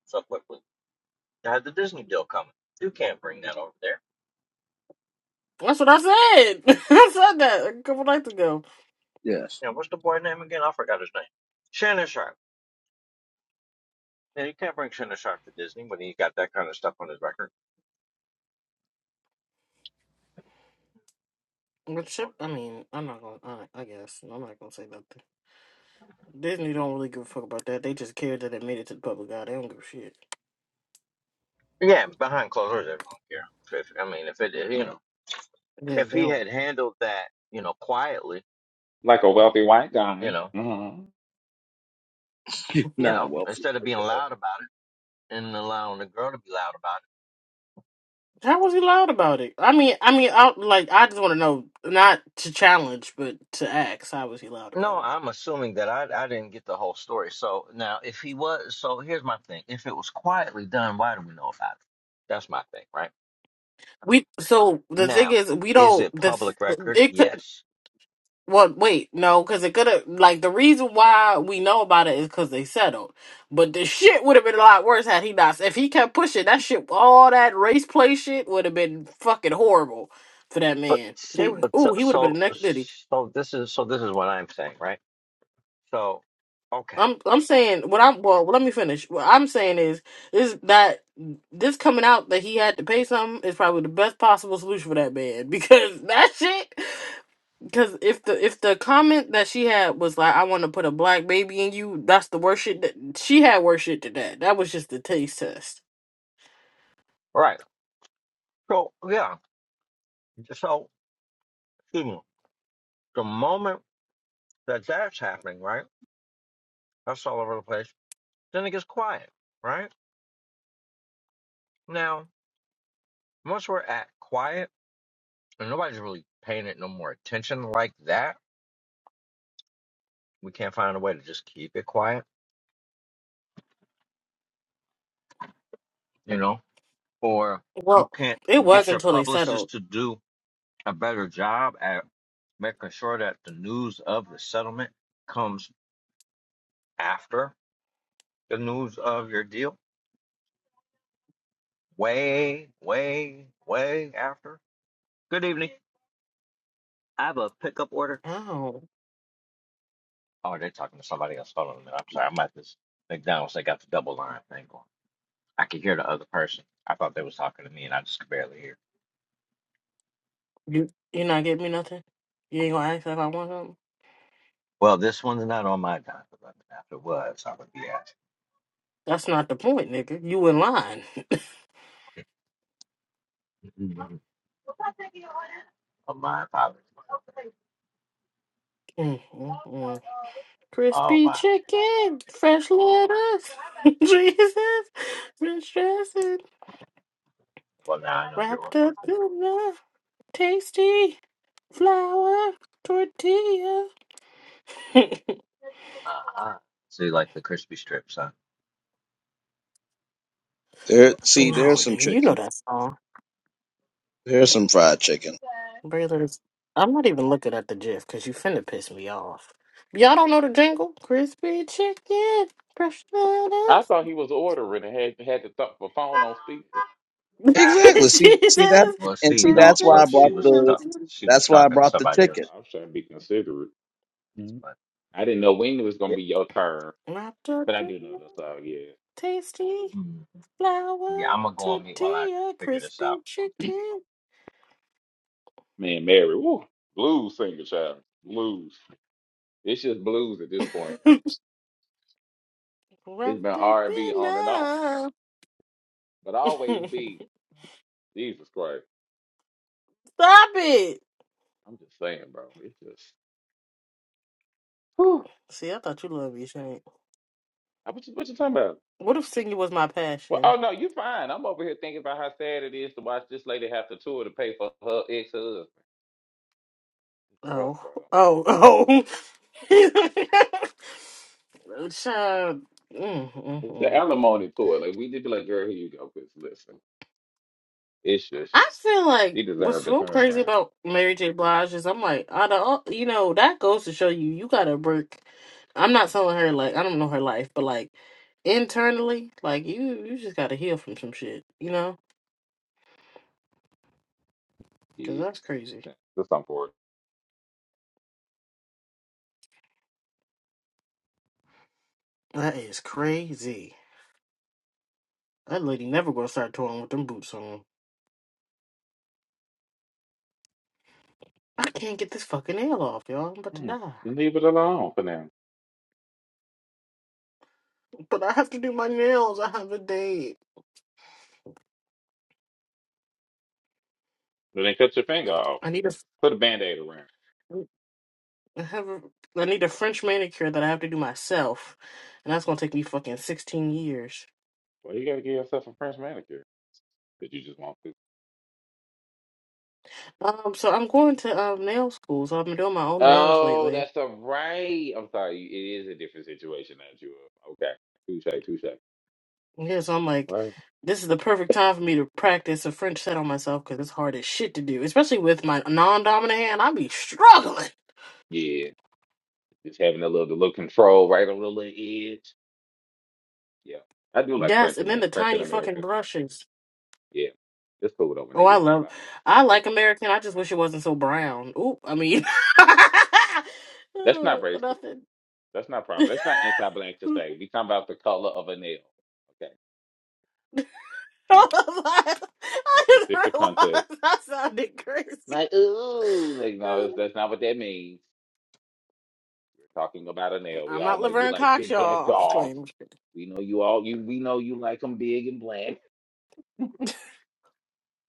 D: so quickly. They had the Disney deal coming. You can't bring that over there.
C: That's what I said. I said that a couple nights ago.
A: yes.
D: Now, what's the boy name again? I forgot his name. Shannon Sharp. Yeah, you can't bring Shinda Sharp to Disney when he's got that kind of stuff on his record.
C: But ship, I mean, I'm not gonna. I, I guess I'm not gonna say nothing. Disney don't really give a fuck about that. They just care that it made it to the public eye. They don't give a shit.
D: Yeah, behind closed doors, everyone care. If, I mean, if it, you know,
C: Yeah,
D: if
C: they
D: he
C: don't.
D: had handled that, you know, quietly,
B: Like a wealthy white
D: you
B: guy.
D: know,
B: hmm
D: you
A: Nah,
D: know,
A: well,
D: instead of being loud about it and allowing the girl to be loud about
C: How was he loud about it? I mean, I mean, I like. I just want to know, not to challenge, but to ask. How was he loud
D: it.
C: about
D: No,
C: it?
D: I'm assuming that I I didn't get the whole story. So now, if he was, so here's my thing: if it was quietly done, why do we know about it? That's my thing, right?
C: We so the thing
D: Now,
C: is, we
D: is
C: don't.
D: it
C: The
D: public
C: th-
D: record?
C: it could.
D: Yes.
C: Well, wait, no, because it could have like the reason why we know about it is because they settled. But the shit would have been a lot worse had he not. If he kept pushing that shit, all that race play shit would have been fucking horrible for that
D: But
C: man. They
D: see,
C: would,
D: but
C: ooh,
D: so
C: he would have been
D: so
C: a neck diddy.
D: so this is so this is what I'm saying, right? So okay,
C: I'm, I'm saying what I'm. Well, let me finish. What I'm saying is, is that this coming out that he had to pay something is probably the best possible solution for that man because that shit. Because if the if the comment that she had was like, "I want to put a black baby in you," that's the worst shit that she had. Worse shit to that. That was just the taste test.
D: all right. So yeah, so excuse me, the moment that that's happening, right? That's all over the place. Then it gets quiet, right? Now, once we're at quiet and nobody's really paying it no more attention like that, we can't find a way to just keep it quiet, you know? Or you
C: Well,
D: can't
C: it was
D: get your
C: until they settled.
D: publicist to do a better job at making sure that the news of the settlement comes after the news of your deal. Way, way, way after. Good evening. I have a pickup order.
C: Oh,
D: Oh, they're talking to somebody else. Hold on a minute. I'm sorry. I'm at this McDonald's. They got the double line thing going. I could hear the other person. I thought they was talking to me, and I just could barely hear.
C: you you not get me nothing. You ain't gonna ask if I want something.
D: Well, this one's not on my dime. If it was, I would be asking.
C: That's not the point, nigga. You in line.
D: Oh, my apologies.
C: Mm, mm, mm.
D: Oh,
C: Crispy
D: wow.
C: chicken, fresh lettuce, Jesus, rich dressing,
D: Well, now I know you're
C: wrapped up in love, tasty flour tortilla. No,
D: uh See, like the crispy strips, huh?
A: there. See, there's some
C: nigga, you know
A: chicken.
C: that song.
A: There's some fried chicken.
C: Braylers. I'm not even looking at the gif because you finna piss me off. Y'all don't know the jingle? Crispy chicken, fresh
B: I
C: lettuce.
B: thought he was ordering and had had the th- the phone on speaker.
A: Exactly. See, see that,
C: Jesus.
D: Well,
A: and
D: see,
A: see
C: and
D: no.
A: that's why
D: So
A: I
D: she
A: brought
C: dressing
D: was
A: the.
C: wrapped
D: talk-
C: in-
D: she was
A: That's why I
D: talking to
A: brought the
D: somebody
A: ticket.
D: else,
B: I was trying to be considerate. Mhm.
D: but
B: I didn't know when it was gonna
D: yeah,
B: be your turn,
C: wrapped up
B: but I
C: in
B: do know
C: a
B: this all. Yeah,
C: tasty
D: mm,
C: flour
D: yeah. I'm gonna go on mute while I
C: tortilla,
D: figure this
C: crispy
D: out.
C: chicken.
B: man, Mary, woo, blues singer, child, blues. It's just blues at this point. It's been
C: wrapped up
B: R and B
C: in
B: on and off
C: a.
B: but
C: Stop
B: always be Jesus Christ.
C: it.
B: I'm just saying, bro. It's just whew.
C: See, I thought you loved me, Shane.
B: I- what you what you talking about?
C: What if singing was my
B: Well,
C: passion?
B: oh no, you fine. I'm over here thinking about how sad it is to watch this lady have to tour to pay for her ex husband. Bro,
C: Oh,
B: bro.
C: oh, oh. Child, mm, mm,
B: It's the
C: mm.
B: alimony tour. Like we did be like, girl, here you go, bitch. Listen. It's just
C: I feel like
B: she
C: what's
B: deserved a
C: so crazy
B: turnaround.
C: about Mary J. Blige is I'm like, out of all, you know, that goes to show you, you gotta work. I'm not telling her like I don't know her life, but like internally, like you, you just gotta heal from some shit, you know? Cause
B: Yeah.
C: that's crazy.
B: That's something for it.
C: That is crazy. That lady never gonna start touring with them boots on. I can't get this fucking nail off, y'all. I'm about to
B: Hmm.
C: die.
B: Leave it alone for now.
C: But I have to do my nails. I have a date.
B: Then cut your finger off.
C: I need a
B: Put a band aid around.
C: I have a I need a French manicure that I have to do myself, and that's gonna take me fucking sixteen years.
B: Well, you gotta give yourself a French manicure that you just want.
C: Um, so I'm going to um nail school. So I've been doing my own nails
B: Oh,
C: lately.
B: that's the right. I'm sorry. It is a different situation that you are. Okay. Touche, touche.
C: Yeah, so I'm like,
B: Right.
C: this is the perfect time for me to practice a French set on myself because it's hard as shit to do, especially with my non-dominant hand. I be struggling.
B: Yeah. Just having a little, the little control right on the little edge. Yeah. I do like
C: Yes,
B: French,
C: and then
B: man.
C: the
B: French in
C: tiny fucking
B: America.
C: brushes.
B: Yeah. It's cool though when
C: Oh,
B: they
C: I
B: get it right
C: love.
B: out.
C: I like American. I just wish it wasn't so brown. Oop. I mean,
B: That's not
C: Ooh,
B: racist.
C: nothing.
B: That's not problem. That's not anti black to say. We talking about the color of a nail. Okay. You know,
C: I
B: in a
C: just
B: specific context.
C: realized I sounded crazy.
B: Like, ooh, like, no, that's, that's not what that means. Talking about a nail. We
C: I'm
B: all
C: not
B: know you
C: Laverne
B: like
C: Cox,
B: big black
C: y'all. I'm just
B: dogs.
C: playing.
B: We know you all you we know you like them big and black.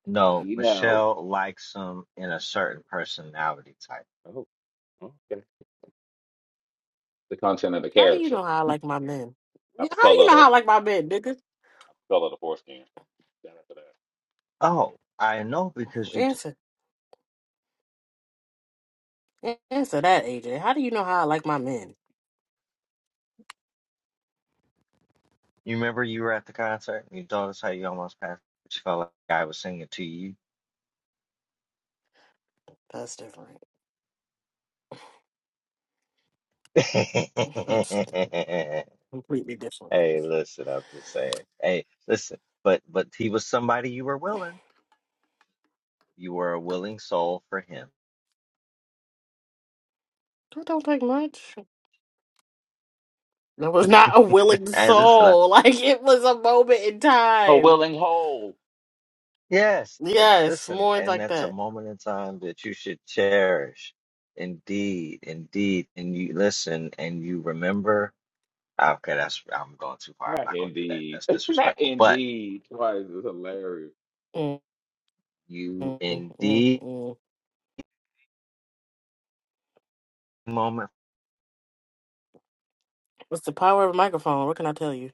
D: No,
B: You know.
D: Michelle likes them in a certain personality type.
B: Oh, okay. The content of the
C: How do you
B: character,
C: know how I like my men?
B: not
C: Yeah,
B: the
C: How do
B: color
C: you
B: of the,
C: know how I
B: not
C: like my men, nigga?
B: the color of the foreskin. Shout out to that.
D: Oh, I know because you t-
C: Answer, An- answer that, AJ. How do you know how I like my men?
D: you remember you were at the concert and you told us how you almost passed, but you felt like I was singing to you.
C: That's different. That's
D: hey,
C: completely different. That
D: listen, I'm just saying. Hey, listen, but but he was somebody you were willing. You were a willing soul for him.
C: don't take much. It was not a willing
D: And listen, I-
C: soul. Like it was a moment in
B: Oh,
C: time.
B: willing hole.
D: yes, and
C: Yes,
D: listen,
C: more
D: and
C: like
D: that's a
C: that.
D: moment in time that you should cherish. Indeed, indeed, and you listen and you remember. ah, Okay, that's I'm going too far. I'm
B: Not
D: not going to do that.
B: indeed.
D: That's
B: not
D: disrespectful. But
B: indeed. Twice is hilarious.
C: Mm,
D: you
C: mm, mm, mm,
D: indeed
C: mm.
D: moment.
C: What's the power of a microphone? What can I tell you?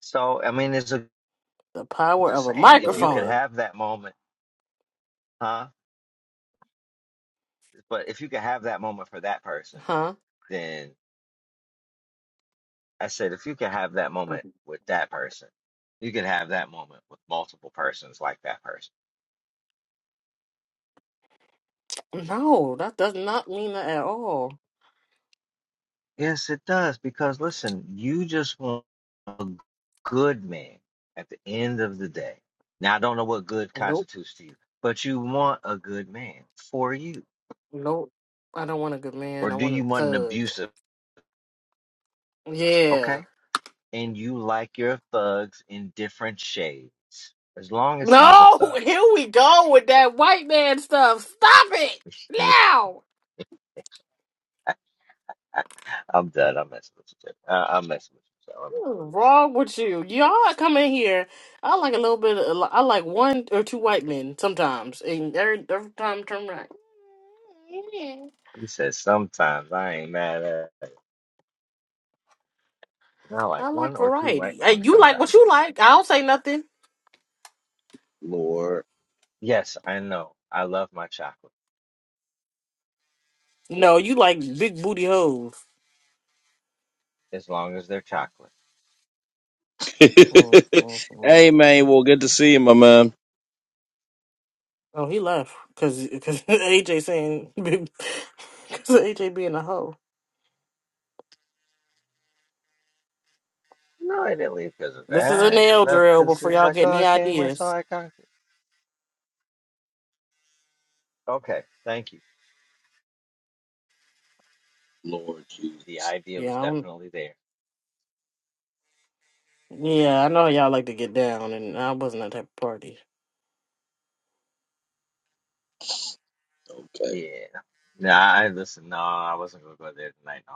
D: So I mean, it's a
C: The
D: I'm
C: power
D: just
C: of a
D: saying if you could
C: microphone.
A: Lord,
D: have that moment, huh? But if you could have that moment for that person,
C: Huh?
D: then. I said, if you could have that moment with that person, you could have that moment with multiple persons like that person.
C: No, that does not mean that at all.
D: Yes, it does. Because listen, you just want a good man at the end of the day. Now, I don't know what good
C: Nope.
D: constitutes to you, but you want a good man for you.
C: Nope. I don't want a good
D: Or
C: man. I
D: do
C: want a
D: you want an
C: thug.
D: abusive?
C: Yeah.
D: Okay. And you like your thugs in different shades, as long as he's a
C: No,
D: thug.
C: here we go with that white man stuff. Stop it now.
D: I'm done. I'm messing with you. Jeff. Uh, I'm messing with you. So I'm
C: Wrong with you? Y'all come in here. I like a little bit. Of, I like one or two white men sometimes, and every, every time turn right. Yeah.
D: He says, sometimes I ain't mad at it. And like
C: I
D: one
C: like
D: or two white
C: variety. Hey,
D: men
C: you like
D: sometimes.
C: what you like. I don't say nothing.
A: Lord.
D: Yes, I know. I love my chocolate,
C: No, you like big booty hoes.
D: as long as they're chocolate.
C: Mm, mm, mm.
A: hey, man. Well, good to see you, my man.
C: Oh, he left because because AJ saying because AJ being a hoe.
D: No, I didn't leave because of
C: This is a
D: that. He
C: nail
D: left
C: drill
D: because he
C: before
D: was
C: y'all
D: like,
C: get
D: oh,
C: any
D: I came, I saw,
C: ideas.
D: I conquered. Okay, thank you.
A: Lord
D: The
A: Jesus.
D: idea
C: Yeah,
D: was
C: I don't,
D: definitely there.
C: yeah, I know how y'all like to get down, and I wasn't that type of party.
A: Okay.
D: Yeah. Nah, I listen. No, I wasn't gonna go there tonight. No,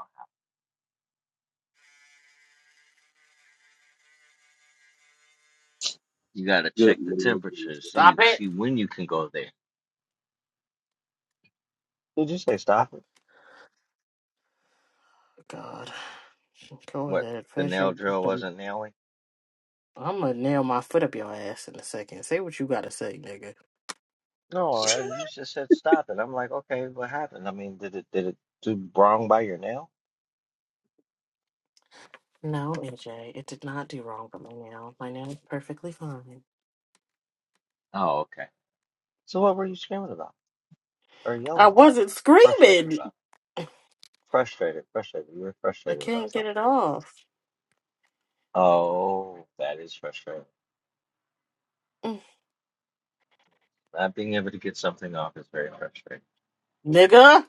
D: you gotta
A: Good
D: check the temperature.
C: Stop
D: See,
C: it.
D: see when you can go there. Did you say stop it?
C: God, go
D: What
C: ahead.
D: the
C: Finish your.
D: nail drill wasn't nailing?
C: I'm gonna nail my foot up your ass in a second. Say what you gotta say, nigga.
D: No, uh, you just said stop it. I'm like, okay, what happened? I mean, did it did it do wrong by your nail?
C: No, AJ, it did not do wrong with my nail. My nail's perfectly fine.
D: Oh, okay. So what were you screaming about or
C: I
D: yelling about?
C: wasn't
D: Frustrated
C: screaming.
D: about? Frustrated, frustrated. You were
C: I
D: frustrated about
C: can't get
D: something.
C: it off,
D: Oh, that is frustrating.
C: Mm.
D: Not being able to get something off is very frustrating.
C: nigga.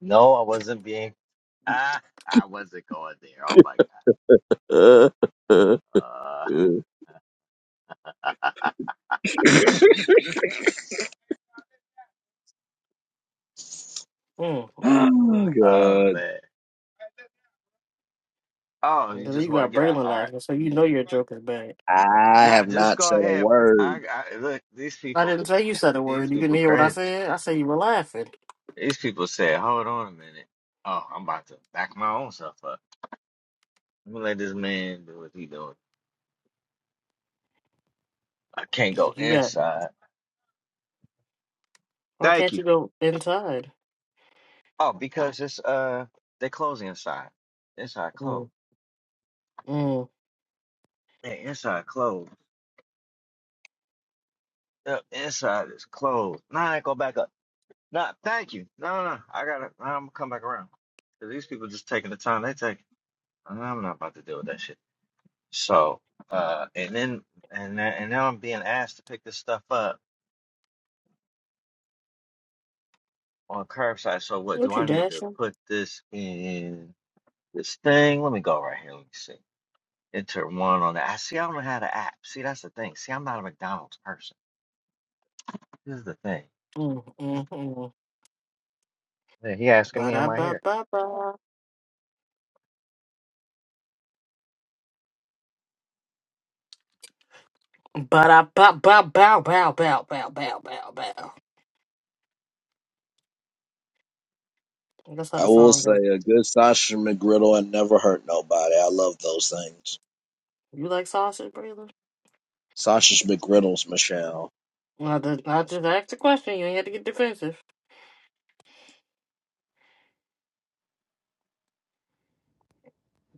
D: No, I wasn't being. Ah, I wasn't going there. Oh my
A: Lord.
D: God.
C: Mm, mm,
A: Oh,
C: mm.
D: Uh, oh
A: God.
D: man. Oh,
C: And
D: you just
C: You
D: want to
C: got
D: get out.
C: Braylon
D: All right.
C: laughing, so you know your joke is bad.
A: I
D: Nah,
A: have
D: just
A: not
D: go
A: said a
D: ahead.
A: word.
D: I, I look. These
C: I
D: people.
C: didn't say you said a
D: These
C: word. You didn't
D: people
C: hear what I
D: crazy.
C: said. I said you were laughing.
D: These people said, hold on a minute. Oh, I'm about to back my own self up. I'm gonna let this man do what he doing. I can't go
C: You got.
D: inside.
C: Why
D: Thank
C: can't
D: you.
C: you go inside?
D: Oh, because it's uh they closing inside. Inside closed.
C: Mm, mm.
D: Man, inside closed. Yep, inside is closed. Nah, I ain't go back up. Nah, thank you. No, no, no. I gotta I'm gonna come back around. 'Cause these people just taking the time they take. Nah, I'm not about to deal with that shit. So uh and then and then, and now I'm being asked to pick this stuff up on curbside. So what
C: What
D: do
C: you
D: I need to
C: dashing?
D: put this in this thing? Let me go right here. Let me see. Enter one on the. I see. I don't know how to app. See, that's the thing. See, I'm not a McDonald's person. This is the thing.
C: Mm, mm, mm.
D: Yeah, he asking
C: Ba
D: me, am
C: da
D: I
C: ba
D: here?
C: ba ba. Ba da ba ba bow bow bow bow bow bow bow. That's how
A: I
C: the
A: will
C: song
A: say
C: goes.
A: a good sausage McGriddle and never hurt nobody. I love those things.
C: You like sausage, Braylon?
A: Sausage McGriddles, Michelle.
C: I just, I just asked a question. You ain't had to get defensive.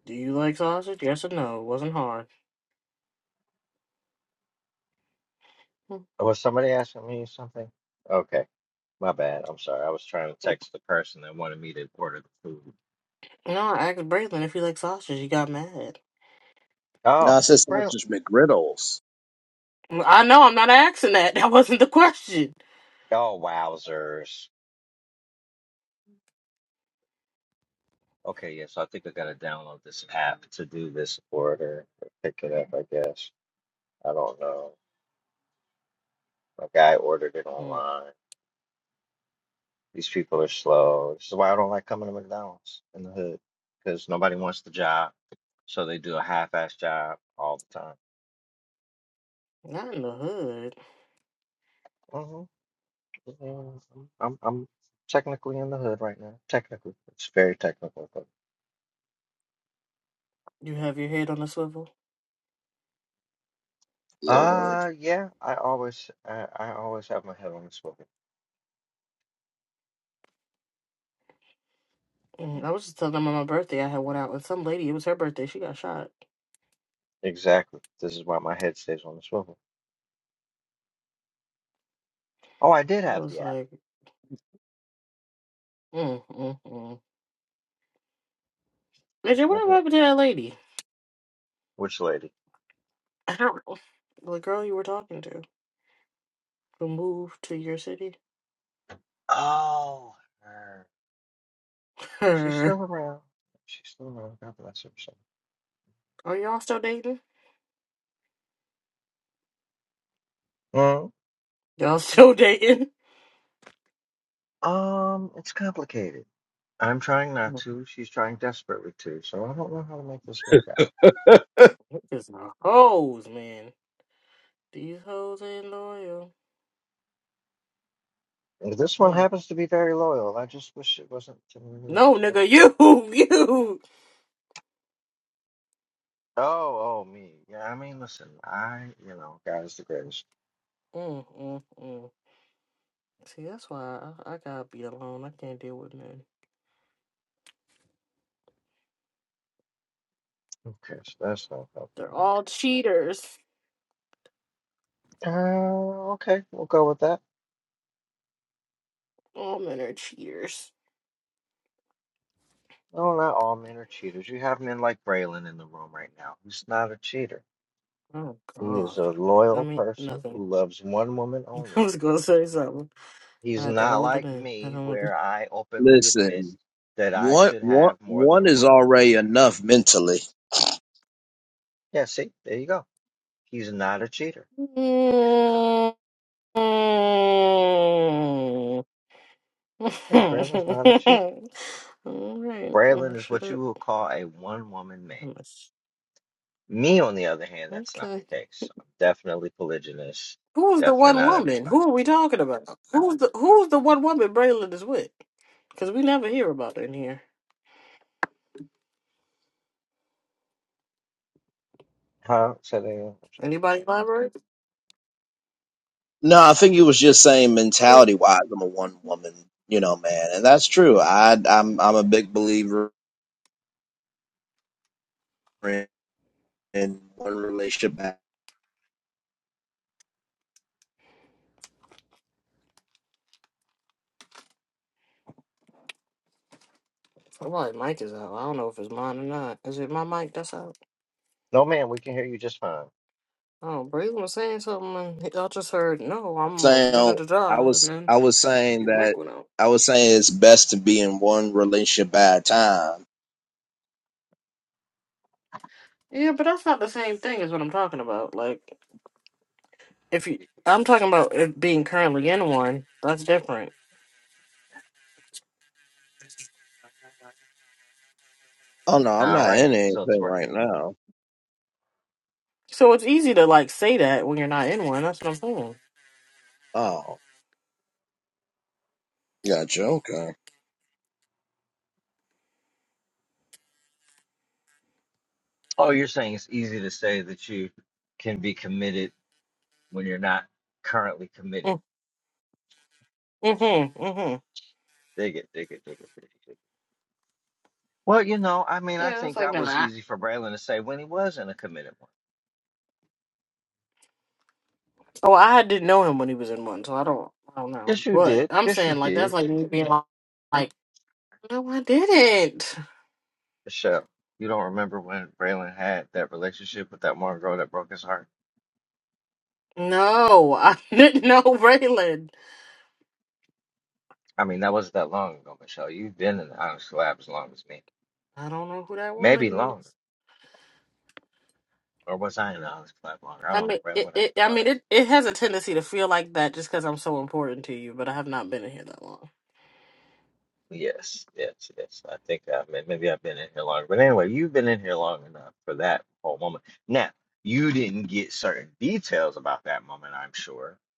C: Do you like sausage? Yes or no? It wasn't hard. Hmm.
D: Or was somebody asking me something? Okay, my bad. I'm sorry. I was trying to text the person that wanted me to order the food.
C: No, I asked Braylon if he likes sausage. He got mad.
A: No, I
D: Oh,
A: said
D: really?
A: sausage McGriddles.
C: I know. I'm not asking that. That wasn't the question.
D: Oh, wowzers. Okay, yeah. So I think I gotta download this app to do this order, or pick it up. I guess. I don't know. My guy ordered it
C: Hmm.
D: online. These people are slow. This is why I don't like coming to McDonald's in the hood because nobody wants the job, so they do a half-ass job all the
C: Not in the hood.
D: time. hmm I'm I'm technically in the hood right now. Technically, it's very technical. But,
C: You have your head on a swivel.
A: Lord.
D: uh, yeah, I always I, I always have my head on the swivel.
C: Mm, I was just telling them on my birthday I had one out with some lady. It was her birthday. She got shot.
D: Exactly. This is why my head stays on the swivel. Oh, I did
C: It
D: have
C: was
D: the app.
C: like, mm, mm, mm.
D: Just
C: Major, what
D: never.
C: happened to that lady?
D: Which lady?
C: I don't know. The girl you were talking to who moved to your city?
D: Oh, her. She's
C: Her.
D: still around. She's still around. God bless her. So.
C: Are y'all still dating?
D: Well,
C: Y'all still dating?
D: um, it's complicated. I'm trying not to. She's trying desperately to. So I don't know how to make this work out.
C: It's the hoes, man. These hoes ain't loyal.
D: And This one
C: Mm.
D: happens to be very loyal. I just wish it wasn't to me.
C: No,
D: But-
C: nigga, you, you.
D: Oh, oh, me. Yeah, I mean, listen, I, you know, God is the greatest.
C: Mm, mm, mm. See, that's why I, I gotta be alone. I can't deal with men.
D: Okay, so that's not helping
C: They're
D: me.
C: all cheaters.
D: Uh, okay, we'll go with that.
C: All men are cheaters.
D: No, not all men are cheaters. You have men like Braylon in the room right now. He's not a cheater.
C: Oh
D: He is
C: God.
D: a
C: I
D: loyal
C: mean,
D: person
C: nothing.
D: who loves one woman
C: I
D: only.
C: was gonna say something. I
D: He's
C: had to
D: not
C: hold it
D: like
C: in. I
D: me,
C: don't want- to-
D: where I openly admit
A: Listen,
D: that I
A: one,
D: should
A: one,
D: have more
A: one
D: than
A: is
D: one.
A: already enough mentally.
D: Yeah, see, there you go. He's not a cheater. Yeah, Braylon's not a cheater.
C: All right.
D: Braylon
C: Oh,
D: is
C: shut
D: what you
C: up.
D: would call a one woman man.
C: I must-
D: Me, on the other hand, that's not the
C: Okay.
D: case. I'm definitely polygynist.
C: Who's the
D: Definitely
C: one
D: not
C: woman?
D: everybody.
C: Who are we talking about? Who's the Who's the one woman Braylon is with? Because we never hear about it in here.
D: Huh? Said they. I'm sorry.
C: Anybody elaborate?
A: No, I think you was just saying mentality wise, I'm a one woman, you know, man. And that's true. I, I'm, I'm a big believer in one relationship
C: Somebody mic is out. I don't know if it's mine or not. Is it my mic that's out?
D: No, man, we can hear you just fine.
C: Oh, Braylon was saying something, and I just heard, no, I'm a da da
A: saying
C: da
A: I
C: da, and
A: was
C: then
A: I was saying
C: your
A: that
C: mic went out.
A: I was saying it's best to be in one relationship at a time.
C: Yeah, but that's not the same thing as what I'm talking about. Like, if you, I'm talking about it being currently in one. That's different.
A: Oh no, I'm
D: All
A: not
D: right,
A: in
D: so it's
A: anything right
D: working.
A: now.
C: So it's easy to like say that when you're not in one. That's what I'm saying.
A: Oh, gotcha. Okay.
D: Oh, you're saying it's easy to say that you can be committed when you're not currently committed.
C: Mm, Mm-hmm. Mm-hmm.
D: Dig it, dig it, dig it, dig it, dig it. Well, you know, I mean, I
C: Yeah, that's
D: think
C: like
D: that
C: been
D: was
C: I
D: easy for Braylon to say when he was in a committed one.
C: Oh, I didn't know him when he was in one, so I don't. I don't know.
D: Yes, you
C: But
D: did.
C: I'm
D: Yes, you
C: saying like
D: did.
C: that's like me being like, like, no, I didn't.
D: Michelle, you don't remember when Braylon had that relationship with that one girl that broke his heart?
C: No, I didn't know Raylan.
D: I mean, that wasn't that long ago, Michelle. You've been in the Honest Collab as long as me.
C: I don't know who that
D: Maybe
C: woman
D: longer.
C: is.
D: Or was I in the Honest Collab longer? I
C: I
D: don't know,
C: mean,
D: Braylon
C: it,
D: would have
C: it.
D: to
C: I
D: tell us.
C: mean, it. It has a tendency to feel like that just because I'm so important to you. But I have not been in here that long.
D: Yes, yes, yes. I think I may maybe I've been in here longer, but anyway, you've been in here long enough for that whole moment. Now, you didn't get certain details about that moment, I'm sure.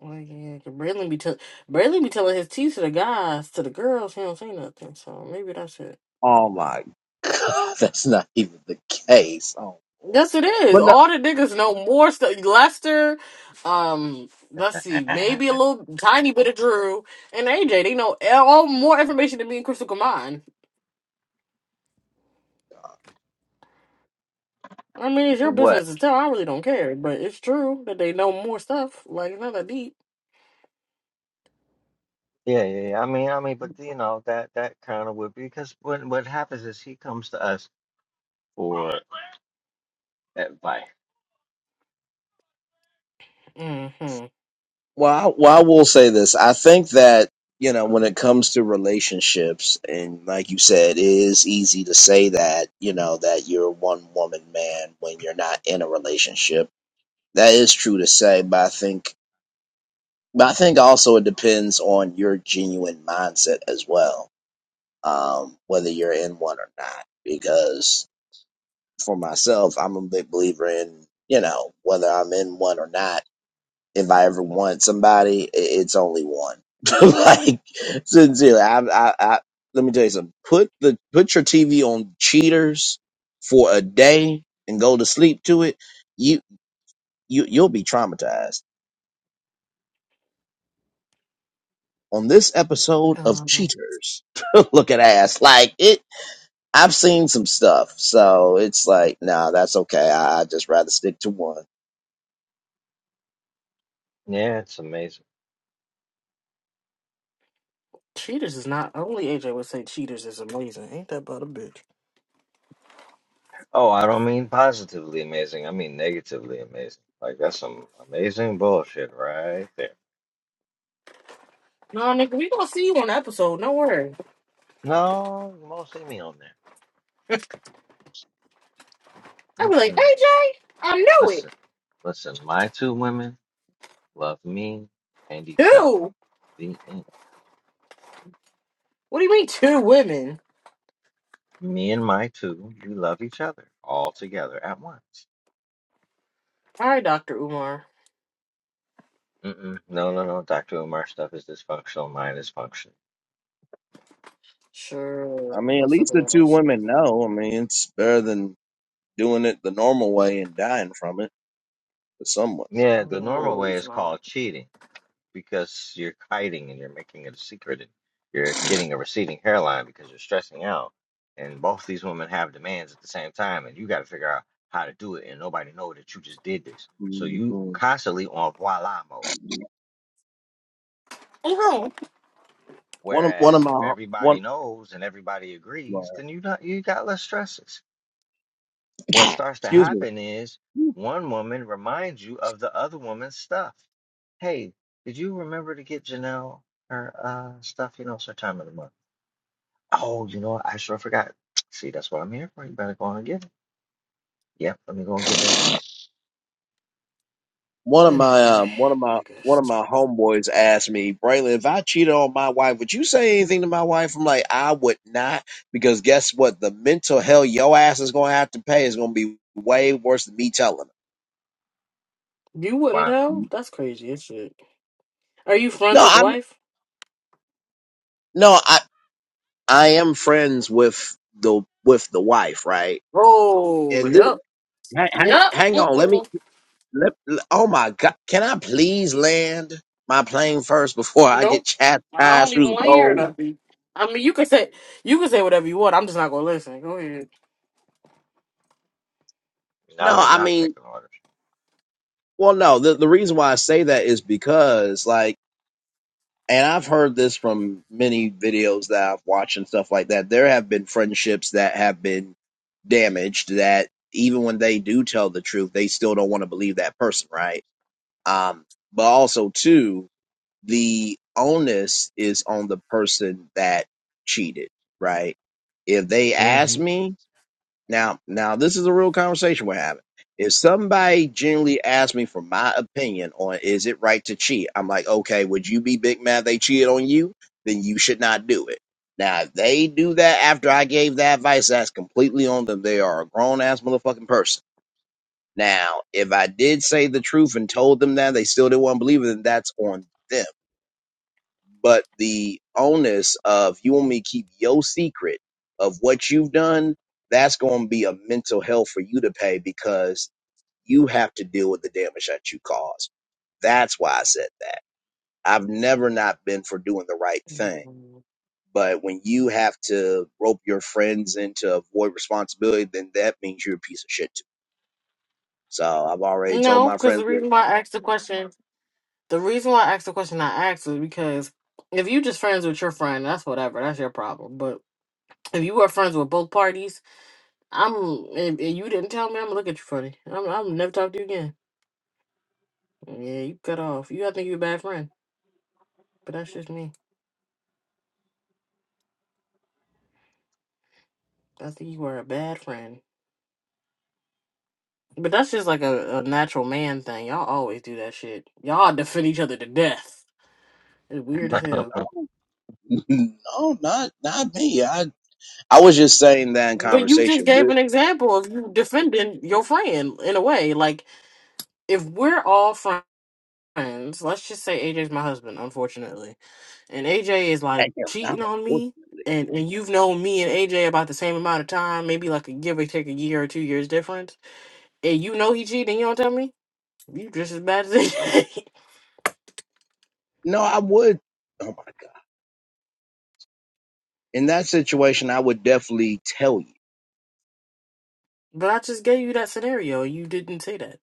C: Like, yeah, 'cause Braylon be tell, Braylon be telling his tea to the guys, to the girls. He don't say nothing, so maybe that's it.
A: Oh my god, that's not even the case. Oh lord.
C: Yes, it is.
A: But no,
C: All the niggas know more stuff. Lester, um, let's see, maybe a little tiny bit of Drew and AJ. They know all more information than me and Crystal combined. I mean, it's your
D: What?
C: business to tell. I really don't care, but it's true that they know more stuff. Like, it's not that deep.
D: Yeah, yeah, yeah. I mean, I mean, but you know that that kind of would be because what what happens is he comes to us for advice.
C: hmm
A: well, I, well, I will say this. I think that you know when it comes to relationships, and like you said, it is easy to say that you know that you're a one woman man when you're not in a relationship. That is true to say, but I think But I think also it depends on your genuine mindset as well, um, whether you're in one or not. Because for myself, I'm a big believer in, you know, whether I'm in one or not, if I ever want somebody, i- it's only one. like, sincerely, I, I, I, let me tell you something. Put the, put your TV on cheaters for a day and go to sleep to it. You, you, you'll be traumatized on this episode of Cheaters. Look at ass. Like it I've seen some stuff. So it's like, nah, that's okay. I I just rather stick to one.
D: Yeah, it's amazing.
C: Cheaters is not only AJ would say Cheaters is amazing. Ain't that about a bitch?
D: Oh, I don't mean positively amazing. I mean negatively amazing. Like that's some amazing bullshit right there.
C: No, nigga, we gonna see you on the episode. No worry.
D: No, you won't see me on there.
C: I be like
D: Mm-mm.
C: AJ. I knew it.
D: Listen, listen. My two women love me and each other.
C: Two.
D: The end.
C: What do you mean two women?
D: Me and my two, we love each other all together at once.
C: All right, Doctor Umar.
D: Mm-mm. No, no, no. Dr. Umar stuff is dysfunctional. Mine is functional.
A: I
C: Sure,
A: mean, at
C: that's a
A: least the
C: bad
A: two
C: answer.
A: women know. I mean, it's better than doing it the normal way and dying from it for some women.
D: Yeah, the
A: Good lord.
D: normal
C: No,
D: way
C: it's
D: is called
C: not.
D: cheating because you're hiding and you're making it a secret and you're getting a receding hairline because you're stressing out. And both these women have demands at the same time, and you got to figure out how to do it, and nobody know that you just did this. So you
A: Mhm.
D: constantly on voila mode
C: Okay.
A: One of one of
D: Whereas if
A: my one
D: everybody knows and everybody
A: well,
D: agrees, then you not you got less stresses. What starts to
A: excuse me.
D: happen is one woman reminds you of the other woman's stuff. Hey, did you remember to get Janelle her uh stuff? You know, it's her time of the month. Oh, you know what? I sure forgot. See, that's what I'm here for. You better go on and get it. Yep, let me go and get that now.
A: one of my
C: Anyway,
A: um, one of my one of
C: niggas,
A: my homeboys asked me, Braylon, if I cheated on my wife, would you say anything to my wife? I'm like, I would not, because guess what? The mental hell your ass is gonna have to pay is gonna be way worse than me telling
C: you wouldn't
D: Wow.
A: her.
C: tell? That's crazy as shit. Are you friends
A: No,
C: with the
A: I'm
C: wife?
A: no, I I am friends with the with the wife, right?
C: Oh,
A: And this, hang, hang
C: yep,
A: hang on,
C: yep.
A: let me let, oh my god, can I please land my plane first before I get
C: Nope. I
A: chastised
C: don't
A: through
C: even
A: the
C: want to hear
A: cold?
C: nothing. I mean, you can say you can say whatever you want. I'm just not gonna listen. Go ahead.
D: Now
A: No,
D: they're
A: I
D: not
A: mean
D: taking orders.
A: Well, no, the, the reason why I say that is because, like, and I've heard this from many videos that I've watched and stuff like that. There have been friendships that have been damaged that even when they do tell the truth, they still don't want to believe that person, right? Um, but also, too, the onus is on the person that cheated, right? If they
D: hmm
A: ask me, now, now this is a real conversation we're having. If somebody generally asks me for my opinion on is it right to cheat, I'm like, okay, would you be big mad they cheated on you? Then you should not do it. Now, if they do that after I gave that advice, that's completely on them. They are a grown ass motherfucking person. Now, if I did say the truth and told them that they still didn't want to believe it, then that's on them but the onus of you want me to keep your secret of what you've done, that's going to be a mental hell for you to pay because you have to deal with the damage that you caused. That's why I said that. I've never not been for doing the right thing. But when you have to rope your friends in to avoid responsibility, then that means you're a piece of shit too. So I've already told
C: No,
A: my
C: because
A: friends,
C: the
A: well,
C: reason why I asked the question, the reason why I asked the question I asked was because if you just friends with your friend, that's whatever. That's your problem. But if you were friends with both parties, I'm and, and you didn't tell me, I'm gonna look at you funny. I'm I'm never talk to you again. Yeah, you cut off. You I think you're a bad friend, but that's just me. I think you were a bad friend. But that's just like a, a natural man thing. Y'all always do that shit. Y'all defend each other to death. It's weird as
A: no,
C: hell.
A: no, not not me. I I was just saying that in
C: But you just
A: conversation. with.
C: gave an example of you defending your friend in a way. Like, if we're all friends, let's just say AJ's my husband, unfortunately, and AJ is like
A: Damn, I
C: cheating on
A: would-
C: me, and, and you've known me and AJ about the same amount of time, maybe like a give or take a year or two years difference, and you know he cheated and you don't tell me, you just as bad as AJ.
A: No, I would. Oh my god! In that situation, I would definitely tell you.
C: but I just gave you that scenario. and You didn't say that.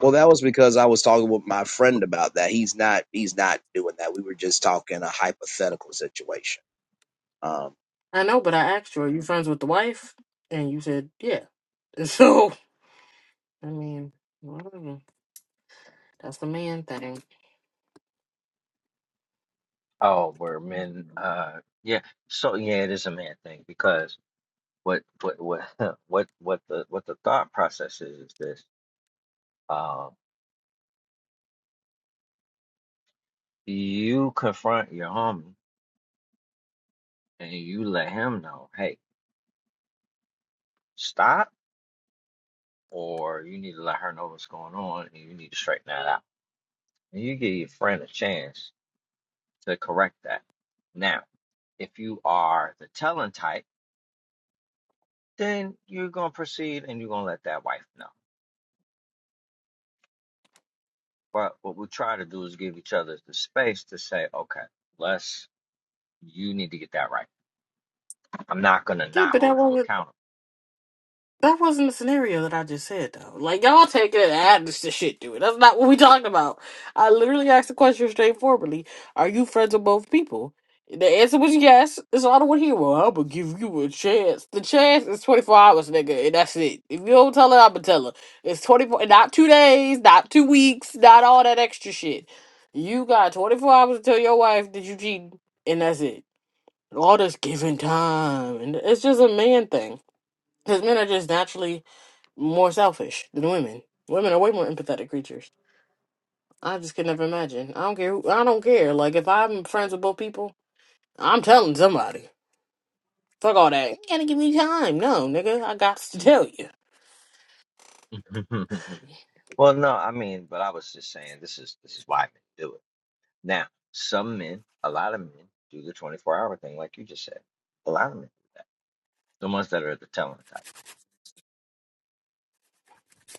A: Well, that was because I was talking with my friend about that. He's not. He's not doing that. We were just talking a hypothetical situation. Um.
C: I know, but I asked you, are you friends with the wife? And you said, yeah. So, I mean, whatever. That's the man thing.
D: oh, we're men. Uh, yeah. So yeah, it is a man thing because what what what what what the what the thought process is is this uh you confront your homie and you let him know hey stop or you need to let her know what's going on and you need to straighten that out and you give your friend a chance to correct that now if you are the telling type then you're going to proceed and you're going to let that wife know but what we try to do is give each other the space to say okay let's you need to get that right i'm not going to
C: Yeah,
D: not
C: but that
D: hold you
C: wasn't.
D: accountable
C: That wasn't the scenario that I just said though. Like y'all take it and add this to shit to it. That's not what we talking about. I literally asked the question straightforwardly. Are you friends with both people? The answer was yes. It's all I don't want to hear. Well, I'm gonna give you a chance. The chance is 24 hours, nigga, and that's it. If you don't tell her, I'm gonna tell her. It's 24, not two days, not two weeks, not all that extra shit. You got 24 hours to tell your wife that you cheated, and that's it. All this giving time, and it's just a man thing. Because men are just naturally more selfish than women. Women are way more empathetic creatures. I just could never imagine. I don't care. Who, I don't care. Like if I'm friends with both people, I'm telling somebody. Fuck all that. You gotta give me time. No, nigga, I got to
D: Mm.
C: tell you.
D: Well, no, I mean, but I was just saying this is this is why men do it. Now, some men, a lot of men do the 24 hour thing, like you just said. A lot of men do that. The ones that are the talent type.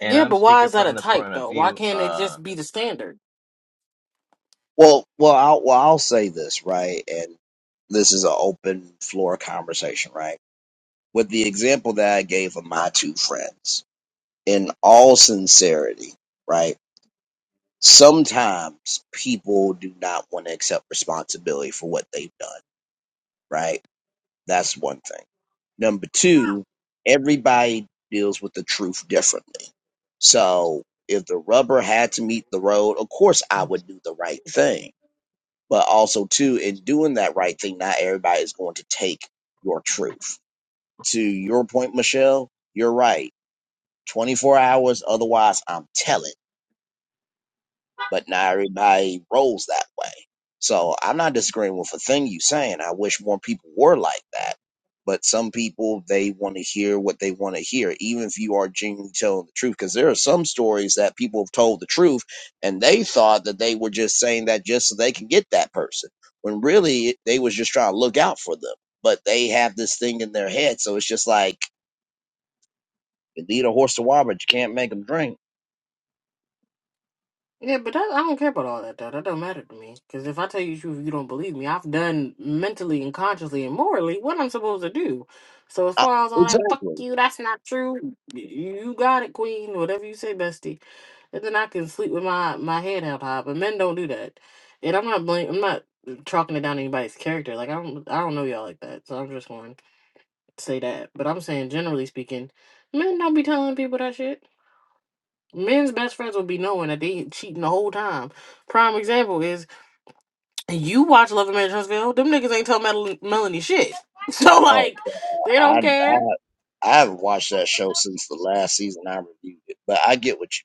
D: And
C: Yeah,
D: I'm
C: but why
D: speaking
C: is that a
D: from the
C: type
D: point of
C: though? Why
D: view,
C: can't it
D: uh
C: just be the standard?
A: Well, well, I'll, well, I'll say this right, and this is an open floor conversation, right? With the example that I gave of my two friends, in all sincerity, right? Sometimes people do not want to accept responsibility for what they've done right? That's one thing. Number two, everybody deals with the truth differently. So if the rubber had to meet the road, of course I would do the right thing. But also too, in doing that right thing, not everybody is going to take your truth. To your point, Michelle, you're right. 24 hours, otherwise I'm telling. but not everybody rolls that way. So I'm not disagreeing with a thing you saying. I wish more people were like that. But some people they want to hear what they want to hear, even if you are genuinely telling the truth. Because there are some stories that people have told the truth, and they thought that they were just saying that just so they can get that person, when really they was just trying to look out for them. But they have this thing in their head, so it's just like you lead a horse to water, but you can't make them drink.
C: Yeah, but that, I don't care about all that though. That don't matter to me. Because if I tell you the truth, you don't believe me. I've done mentally and consciously and morally what I'm supposed to do. So as
A: Uh,
C: far as all that, fuck
A: exactly.
C: you. That's not true. y- You got it, queen. Whatever you say, bestie. And then I can sleep with my my head held high. But men don't do that. And I'm not blame. I'm not chalking it down to anybody's character. Like I don't. I don't know y'all like that. So I'm just going to say that. But I'm saying generally speaking, men don't be telling people that shit. Men's best friends will be knowing that they cheating the whole time. Prime example is you watch Love and Marriage Huntsville. Them niggas ain't tell Mel- Melanie shit. So
A: Oh,
C: like, they
A: I
C: don't
A: I
C: care.
A: I haven't watched that show since the last season I reviewed it, but I get what you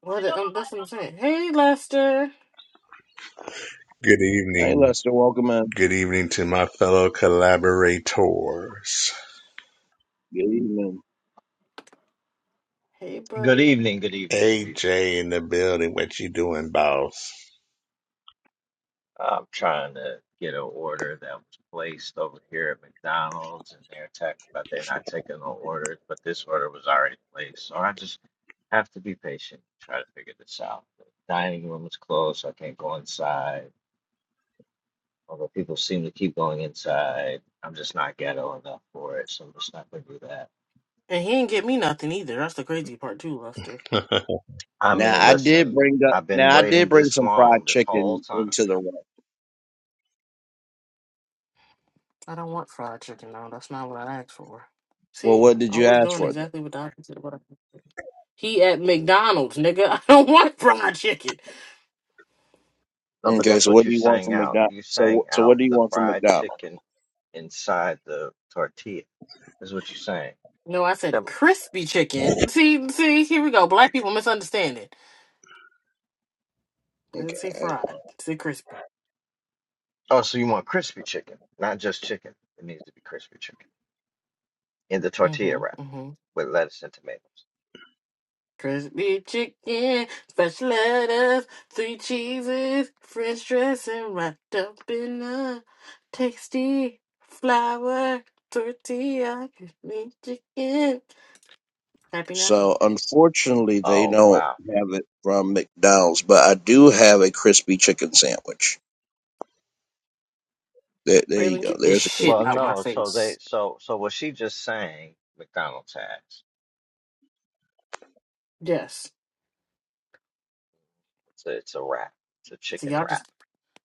C: What? the- Um, that's what I'm saying. Hey Lester.
E: Good
A: mean. Hey,
E: evening.
A: Lester, welcome in.
E: Good evening to my fellow collaborators.
A: Good evening.
C: Hey
D: good
C: buddy.
D: evening, good evening, good evening.
E: AJ in the building. What you doing, boss?
D: I'm trying to get an order that was placed over here at McDonald's, and they're talking about they're not taking no orders, but this order was already placed. So I just have to be patient, try to figure this out. The dining room is closed, so I can't go inside. Although people seem to keep going inside, I'm just not ghetto enough for it, so I'm just not gonna do that.
C: And he ain't get me nothing either. That's the crazy part too, Lester.
E: I
D: I
A: Now
D: mean,
A: I
C: Mm,
A: did
D: listen,
A: bring up.
D: I've been
A: Now I did
D: waiting
A: bring
D: this
A: some fried
D: long this whole
A: chicken
D: time.
A: into the room.
C: I don't want fried chicken though. That's not what I asked for.
A: Well,
C: See,
A: what did you
C: always
A: ask
C: doing
A: for
C: exactly
A: then?
C: what the opposite of what I. He at McDonald's, nigga. I don't want fried chicken.
D: No, but
A: Okay,
D: that's
A: so
D: what
A: what
D: you
A: do you want
D: sang
A: from
D: out.
A: McDonald's?
D: You
A: So
D: sang
A: wh- so what
D: out
A: do you
D: the
A: want from
D: fried
A: McDonald's?
D: chicken inside the tortilla. Is what you're saying.
C: No, I
D: That,
C: said crispy chicken. See, see, here we go. Black people misunderstanding.
A: Okay,
C: Let's say
A: hang on.
C: fried. Say crispy.
D: Oh, so you want crispy chicken, not just chicken. It needs to be crispy chicken in the tortilla wrap
C: Mm-hmm. Mm-hmm.
D: with lettuce and tomatoes.
C: Crispy chicken, special lettuce, three cheeses, French dressing wrapped up in a tasty flour tortilla. Crispy chicken. Happy now,
A: So unfortunately, they
D: Oh
A: don't
D: wow.
A: have it from McDonald's, but I do have a crispy chicken sandwich. There, there you
C: Braylon.
A: go.
C: Get this
A: There's a
C: shit
A: crispy
D: Well,
C: out
A: chicken.
C: my
D: no. So they
C: face.
D: so so was she just saying McDonald's has?
C: Yes.
D: It's a, it's a wrap. It's a
C: See,
D: chicken
C: y'all
D: wrap.
C: just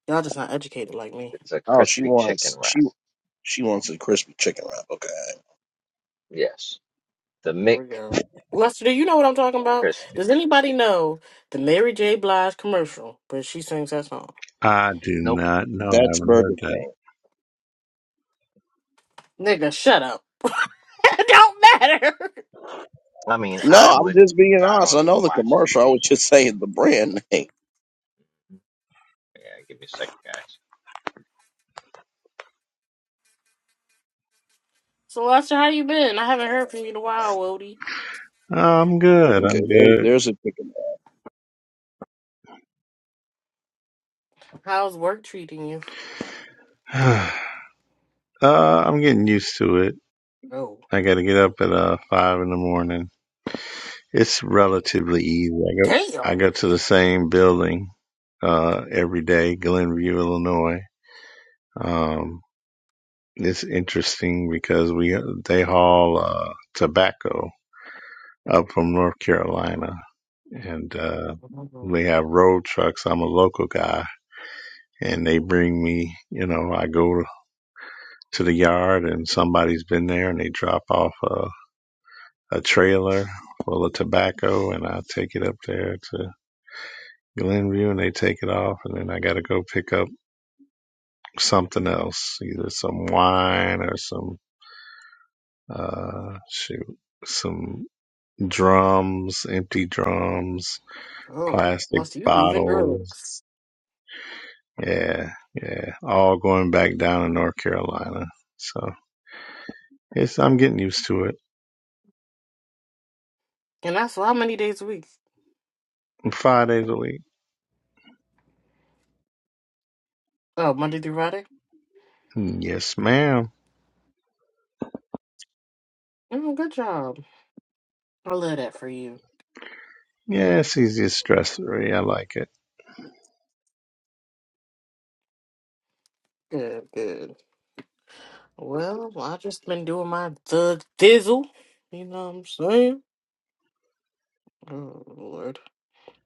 C: y'all just not educated like me.
D: It's a
A: Oh, she
D: crispy chicken
A: wants she
D: wrap.
A: she wants a crispy chicken wrap. Okay,
D: Yes, the
C: There
D: Mc
C: we go. Lester, do you know what I'm talking about?
D: crispy.
C: Does anybody know the Mary J. Blige commercial where she sings that song?
E: do
D: Nope.
E: not know. I
A: that's
E: haven't
A: Burger
E: heard that.
A: King.
C: Nigga, shut up. it don't matter.
D: I mean,
A: No,
D: I
A: I'm
D: wouldn't.
A: just being
D: I
A: honest.
D: don't
A: I know
D: even
A: the
D: watch
A: commercial. I was
D: TV.
A: just saying the brand name.
D: Yeah, give me a second, guys.
C: So Lester, how you been? I haven't heard from you in a while, Wody.
E: Oh, I'm good.
A: Okay,
E: I'm
A: there,
E: good.
A: there's a chicken wrap.
C: How's work treating you?
E: uh, I'm getting used to it.
C: Oh,
E: I got to get up at uh, five in the morning. It's relatively easy. I go. I
C: damn.
E: go to the same building uh, every day, Glenview, Illinois. Um, It's interesting because we they haul uh, tobacco up from North Carolina, and uh, they have road trucks. I'm a local guy, and they bring me. You know, I go to the yard, and somebody's been there, and they drop off a, a trailer full of tobacco, and I take it up there to Glenview, and they take it off, and then I got to go pick up something else, either some wine or some uh, shoot some. drums, empty drums,
C: Oh,
E: plastic
C: Lester, you moving
E: bottles.
C: drugs.
E: Yeah, yeah. All going back down in North Carolina. So it's I'm getting used to it.
C: And that's how many days a week?
E: Five days a week.
C: Oh, Monday through Friday?
E: Yes, ma'am.
C: Oh, good job. I love that for you.
E: Yeah, it's easy and stress free. I like it.
C: Good, good. Well, I just been doing my the thizzle. You know what I'm saying? Oh Lord,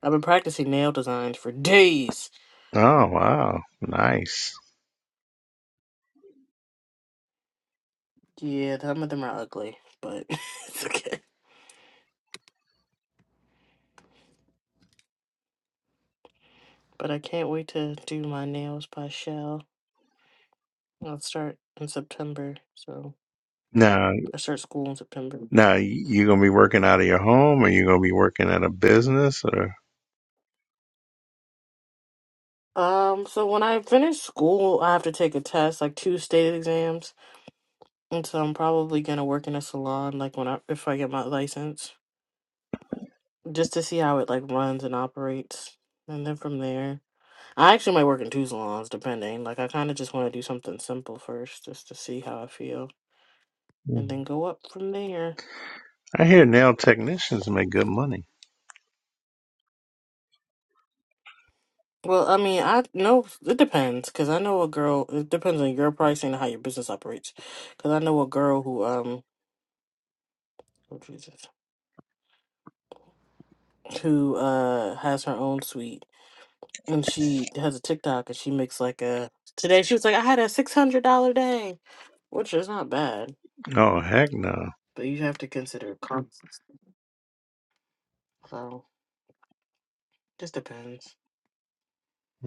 C: I've been practicing nail designs for days.
E: Oh wow, nice.
C: Yeah, some of them are ugly, but it's okay. But I can't wait to do my nails by Shell. I'll start in September, so
E: Now,
C: I start school in September.
E: now you gonna be working out of your home, or you gonna be working at a business, or?
C: Um, so when I finish school, I have to take a test, like two state exams, and so I'm probably gonna work in a salon, like when I if I get my license. just to see how it like runs and operates. And then from there, I actually might work in two salons, depending. Like I kind of just want to do something simple first, just to see how I feel,
E: Mm.
C: and then go up from there.
E: I hear nail technicians make good money.
C: Well, I mean, I know it depends because I know a girl. It depends on your pricing and how your business operates. Because I know a girl who um, oh Jesus, who uh has her own suite, and she has a TikTok, and she makes like a today. She was like, I had a six hundred dollar day, which is not bad
E: Oh heck no!
C: But you have to consider costs. So just depends.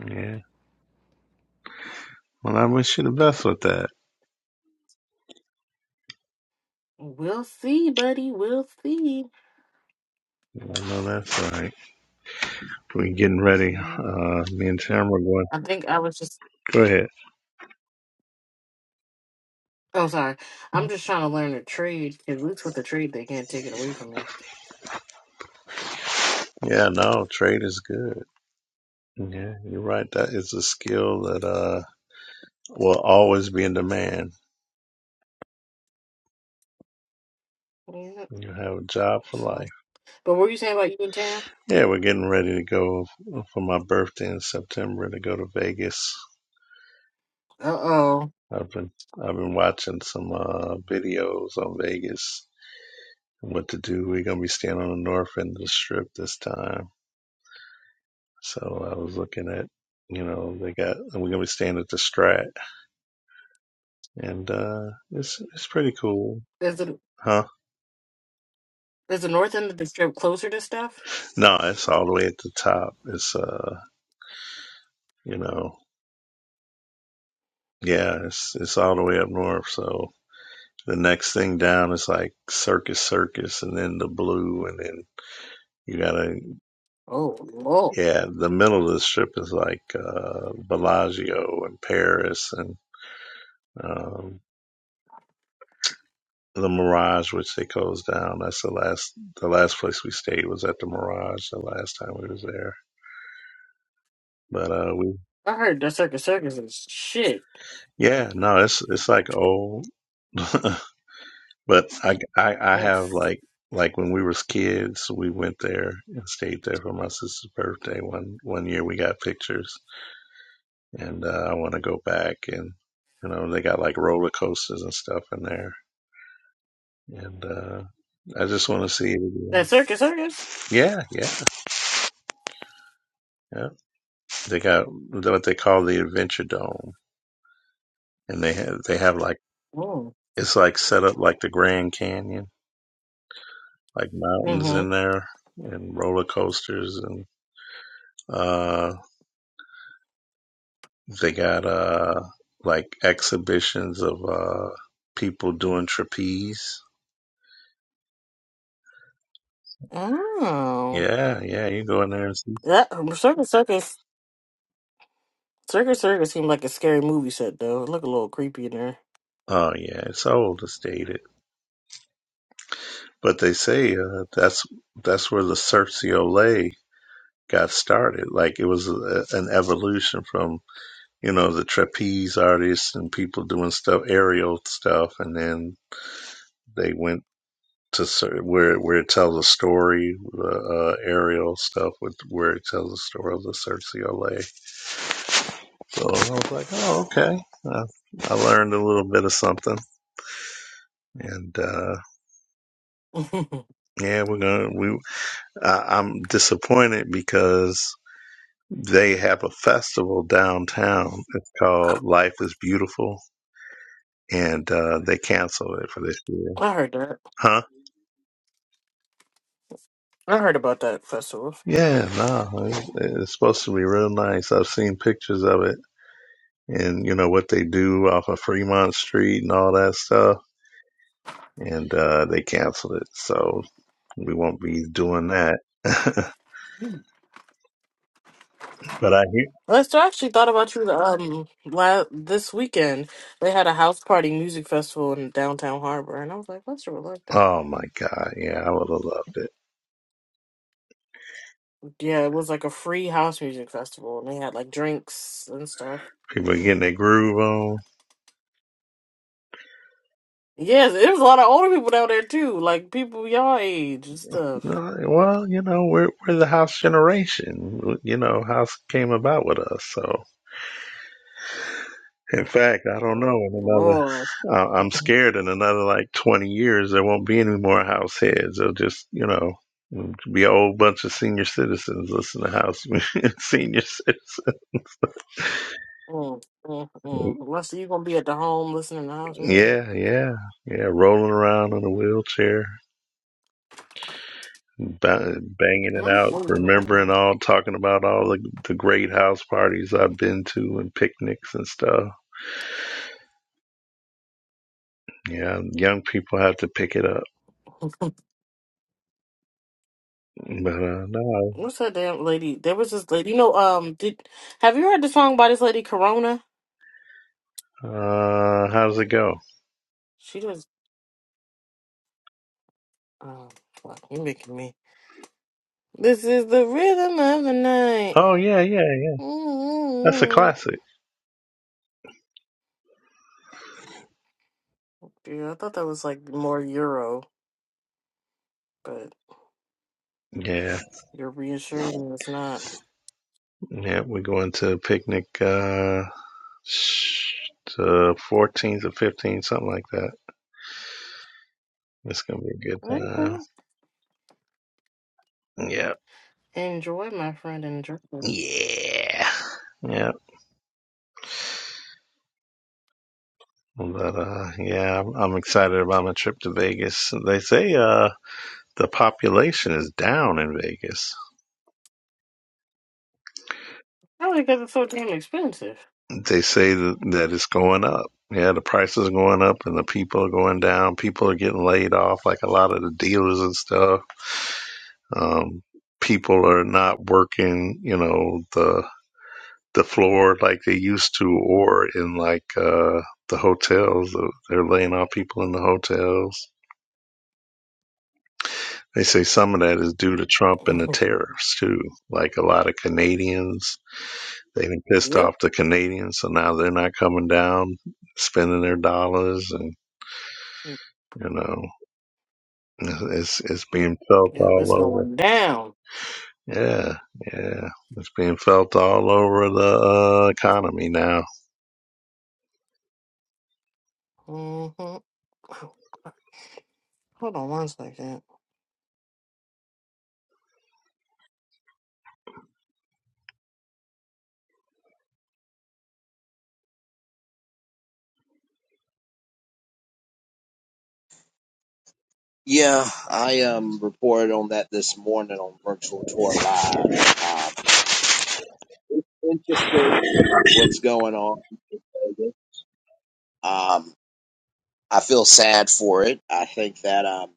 E: Yeah. Well, I wish you the best with that.
C: We'll see, buddy. We'll see.
E: I know that's right. We getting ready.
C: Mhm.
E: Uh, me and Tim are going.
C: I think I was just.
E: Go ahead.
C: Oh, sorry. I'm just trying to learn a trade. At least with the trade, they can't take it away from you.
E: Yeah, no, trade is good. Yeah, you're right. That is a skill that uh will always be in demand.
C: Yeah.
E: You have a job for life.
C: So, but what were you saying about you and Tam?
E: Yeah, we're getting ready to go for my birthday in September to go to Vegas.
C: Uh oh.
E: I've been I've been watching some uh, videos on Vegas and what to do. We're gonna be staying on the north end of the strip this time. So I was looking at you know, they got we're gonna be staying at the Strat and uh it's it's pretty cool.
C: Is the
E: Huh?
C: is the north end of the strip closer to stuff?
E: No, it's all the way at the top. It's uh you know yeah, it's it's all the way up north, so The next thing down is like Circus Circus and then the Blue and then you gotta
C: Oh, lord.
E: yeah, the middle of the strip is like uh Bellagio and Paris and um the Mirage which they closed down. That's the last the last place we stayed was at the Mirage the last time we was there. But uh we
C: I heard that circus circus is shit.
E: yeah, no, it's it's like old but I, I I
C: Mm.
E: have like like when we was kids, we went there and stayed there for my sister's birthday. One one year we got pictures and uh, I want to go back and you know they got like roller coasters and stuff in there, and uh, I just want to see it again.
C: That circus circus.
E: Yeah, yeah, yeah. They got what they call the Adventure Dome, and they have they have like
C: Mm.
E: it's like set up like the Grand Canyon, like mountains
C: Mm-hmm.
E: in there and roller coasters, and uh, they got uh like exhibitions of uh people doing trapeze.
C: Oh.
E: Yeah, yeah, you go in there and see.
C: That circus circus. Circus Circus seemed like a scary movie set though. It looked a little creepy in there.
E: Oh yeah, it's so old, it's dated But they say uh, that's that's where the certiolate got started. Like it was a, an evolution from you know the trapeze artists and people doing stuff, aerial stuff, and then they went to cer- where where it tells a story, the uh, aerial stuff with where it tells the story of the certiolate. So I was like, oh okay. Uh, I learned a little bit of something, and uh, yeah, we're gonna. We I, I'm disappointed because They have a festival downtown. It's called Life is Beautiful, and uh, they canceled it for this year.
C: I heard that.
E: Huh?
C: I heard about that festival.
E: Yeah, no, it- it's supposed to be real nice. I've seen pictures of it, and you know what they do off of Fremont Street and all that stuff, and uh, they canceled it, so we won't be doing that. but I hear,
C: Lester, I actually thought about you um la- this weekend. They had a house party music festival in downtown Harbor, and I was like, Lester would like that.
E: oh my God, yeah, I would have loved it.
C: Yeah, it was like a free house music festival, and they had like drinks and stuff.
E: People getting their groove on.
C: Yes, there was a lot of older people down there too, like people y'all age and stuff.
E: Uh, Well, you know, we're we're the house generation. You know, house came about with us. So, in fact, I don't know.
C: Oh
E: In
C: Lord,
E: another, uh, I'm scared. In another like 20 years, there won't be any more house heads. They'll just, you know, be a whole bunch of senior citizens listen to house senior citizens.
C: mm, mm, mm. Lester, you gonna be at the home listening to house music?
E: Yeah, yeah, yeah. Rolling around in a wheelchair, ba- banging it out, remembering all, talking about all the the great house parties I've been to and picnics and stuff. Yeah, young people have to pick it up. But uh, no,
C: What's that damn lady? There was this lady. You know, um, did have you heard the song by this lady Corona?
E: uh, how does it go?
C: She was. Oh, fuck! You making me. This is the rhythm of the night.
E: Oh yeah, yeah, yeah. That's a
C: mm
E: classic.
C: Yeah, I thought that was like more Euro, but
E: Yeah,
C: you're reassuring me it's not.
E: yeah. We're going to a picnic, uh, sh- the fourteenth or fifteenth, something like that. It's gonna be a good
C: Okay.
E: time. Yeah,
C: Enjoy, my friend. Enjoy.
E: yeah, yeah. But uh, yeah, I'm, I'm excited about my trip to Vegas. They say uh the population is down in Vegas.
C: Probably because it's so damn expensive.
E: they say that, that it's going up. Yeah, the prices are going up and the people are going down. People are getting laid off, like a lot of the dealers and stuff. Um, people are not working, you know, the the floor like they used to, or in like uh, the hotels. They're laying off people in the hotels. They say some of that is due to Trump and the tariffs too. Like a lot of Canadians, they've been pissed
C: yep.
E: off the Canadians, so now they're not coming down, spending their dollars and You know, it's it's, it's being felt
C: Yep.
E: all
C: It's
E: over.
C: going down.
E: Yeah, yeah, it's being felt all over the uh, economy now.
C: hmm Hold on one second.
A: Yeah, I um reported on that this morning on Virtual Tour Live. Um, it's interesting what's going on. in Vegas. Um, I feel sad for it. I think that um,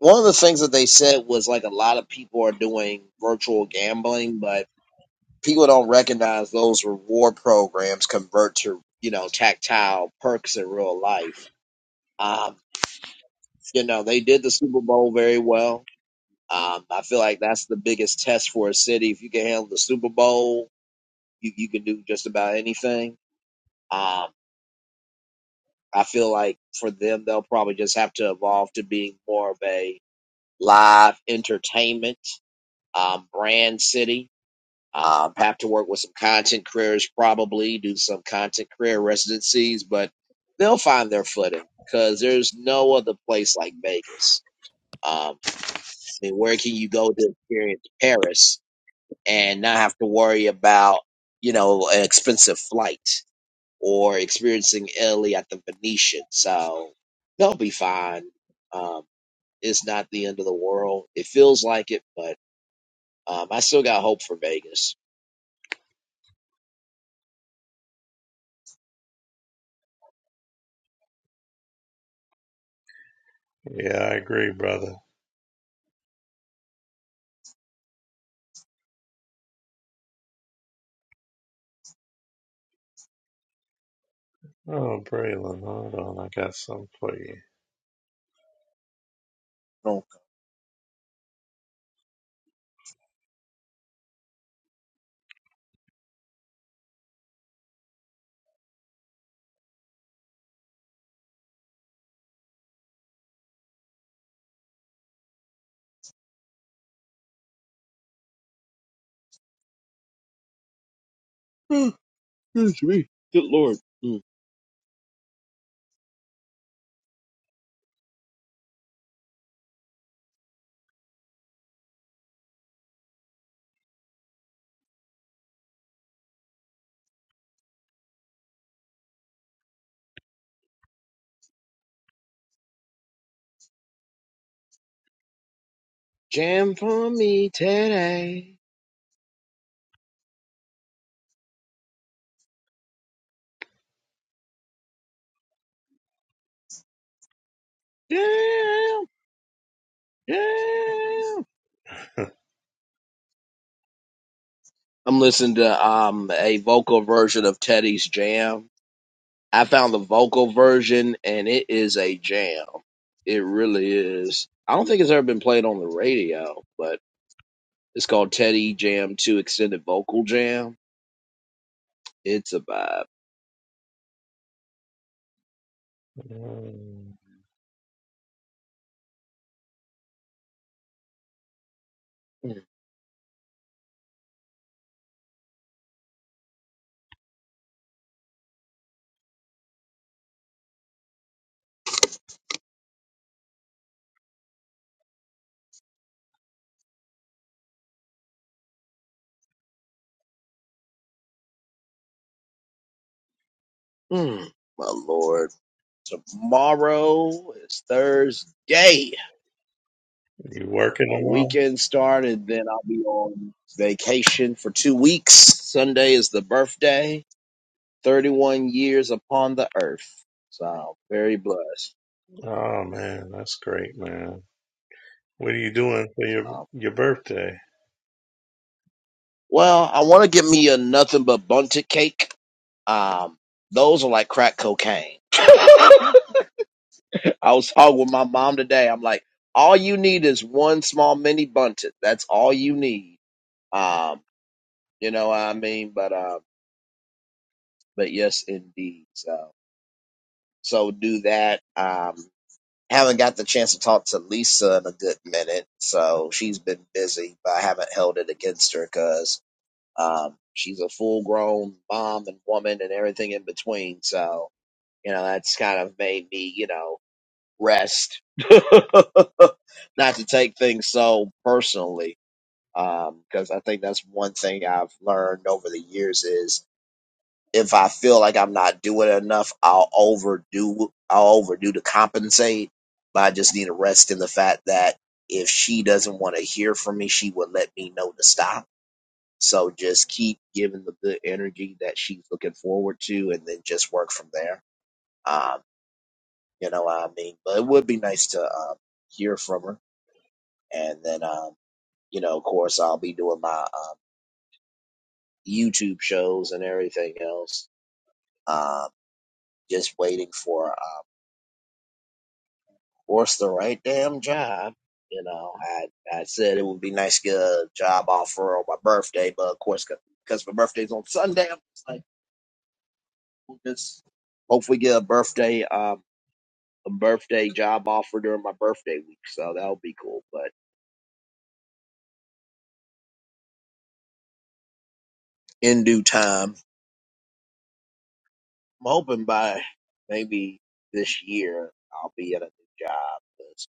A: one of the things that they said was like a lot of people are doing virtual gambling, but people don't recognize those reward programs convert to you know tactile perks in real life. Um, you know they did the Super Bowl very well. Um, I feel like that's the biggest test for a city. If you can handle the Super Bowl, you you can do just about anything. Um, I feel like for them, they'll probably just have to evolve to being more of a live entertainment um, brand city Um, have to work with some content creators, probably do some content creator residencies, but they'll find their footing because there's no other place like Vegas. Um, I mean, where can you go to experience Paris and not have to worry about, you know, an expensive flight or experiencing Italy at the Venetian? So they'll be fine. Um, it's not the end of the world. It feels like it, but um, I still got hope for Vegas.
E: Yeah, I agree, brother. Oh, Braylon, hold on, I got something for you.
A: Oh, good lord. Jam for me today. Jam, jam. I'm listening to um a vocal version of Teddy's Jam. I found the vocal version and it is a jam. It really is. I don't think it's ever been played on the radio, but it's called Teddy Jam 2 Extended Vocal Jam. It's a vibe.
E: Mm.
A: Mm, my lord. Tomorrow is Thursday.
E: You
A: My
E: working tomorrow?
A: weekend started, then I'll be on vacation for two weeks. Sunday is the birthday, 31 years upon the earth. So I'm very blessed.
E: Oh man, that's great, man. What are you doing for your
A: Um,
E: your birthday?
A: well, I want to get me a nothing but bunted cake. Um, those are like crack cocaine. I was talking with my mom today. I'm like, all you need is one small mini bunted. That's all you need. Um, you know what I mean? But, uh, but yes, indeed. So, so do that. Um, haven't got the chance to talk to Lisa in a good minute, so she's been busy, but I haven't held it against her because um, she's a full grown mom and woman and everything in between. So, you know, that's kind of made me, you know, rest, not to take things so personally. Because I think that's one thing I've learned over the years is if I feel like I'm not doing enough, I'll overdo I'll overdo to compensate. But I just need to rest in the fact that if she doesn't want to hear from me, she would let me know to stop. So just keep giving the good energy that she's looking forward to, and then just work from there. Um, you know what I mean? But it would be nice to um, hear from her, and then um, you know, of course, I'll be doing my um, YouTube shows and everything else. Um, just waiting for. uh, What's the right damn job? You know, I I said it would be nice to get a job offer on my birthday, but of course, because my birthday's on Sunday, I'm just like, we'll just hopefully get a birthday um a birthday job offer during my birthday week, so that'll be cool. But in due time, I'm hoping by maybe this year I'll be at a new job because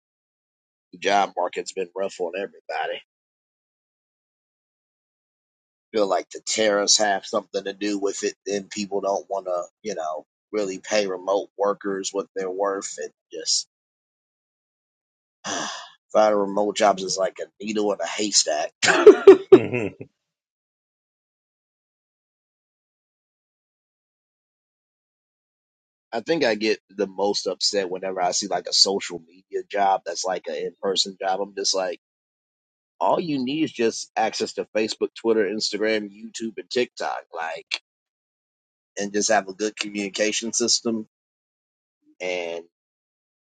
A: the job market's been rough on everybody. feel like the tariffs have something to do with it. Then people don't want to, you know, really pay remote workers what they're worth, and just uh, finding remote jobs is like a needle in a haystack.
E: ah,
A: I think I get the most upset whenever I see like a social media job that's like an in person job. I'm just like, all you need is just access to Facebook, Twitter, Instagram, YouTube, and TikTok, like, and just have a good communication system. and.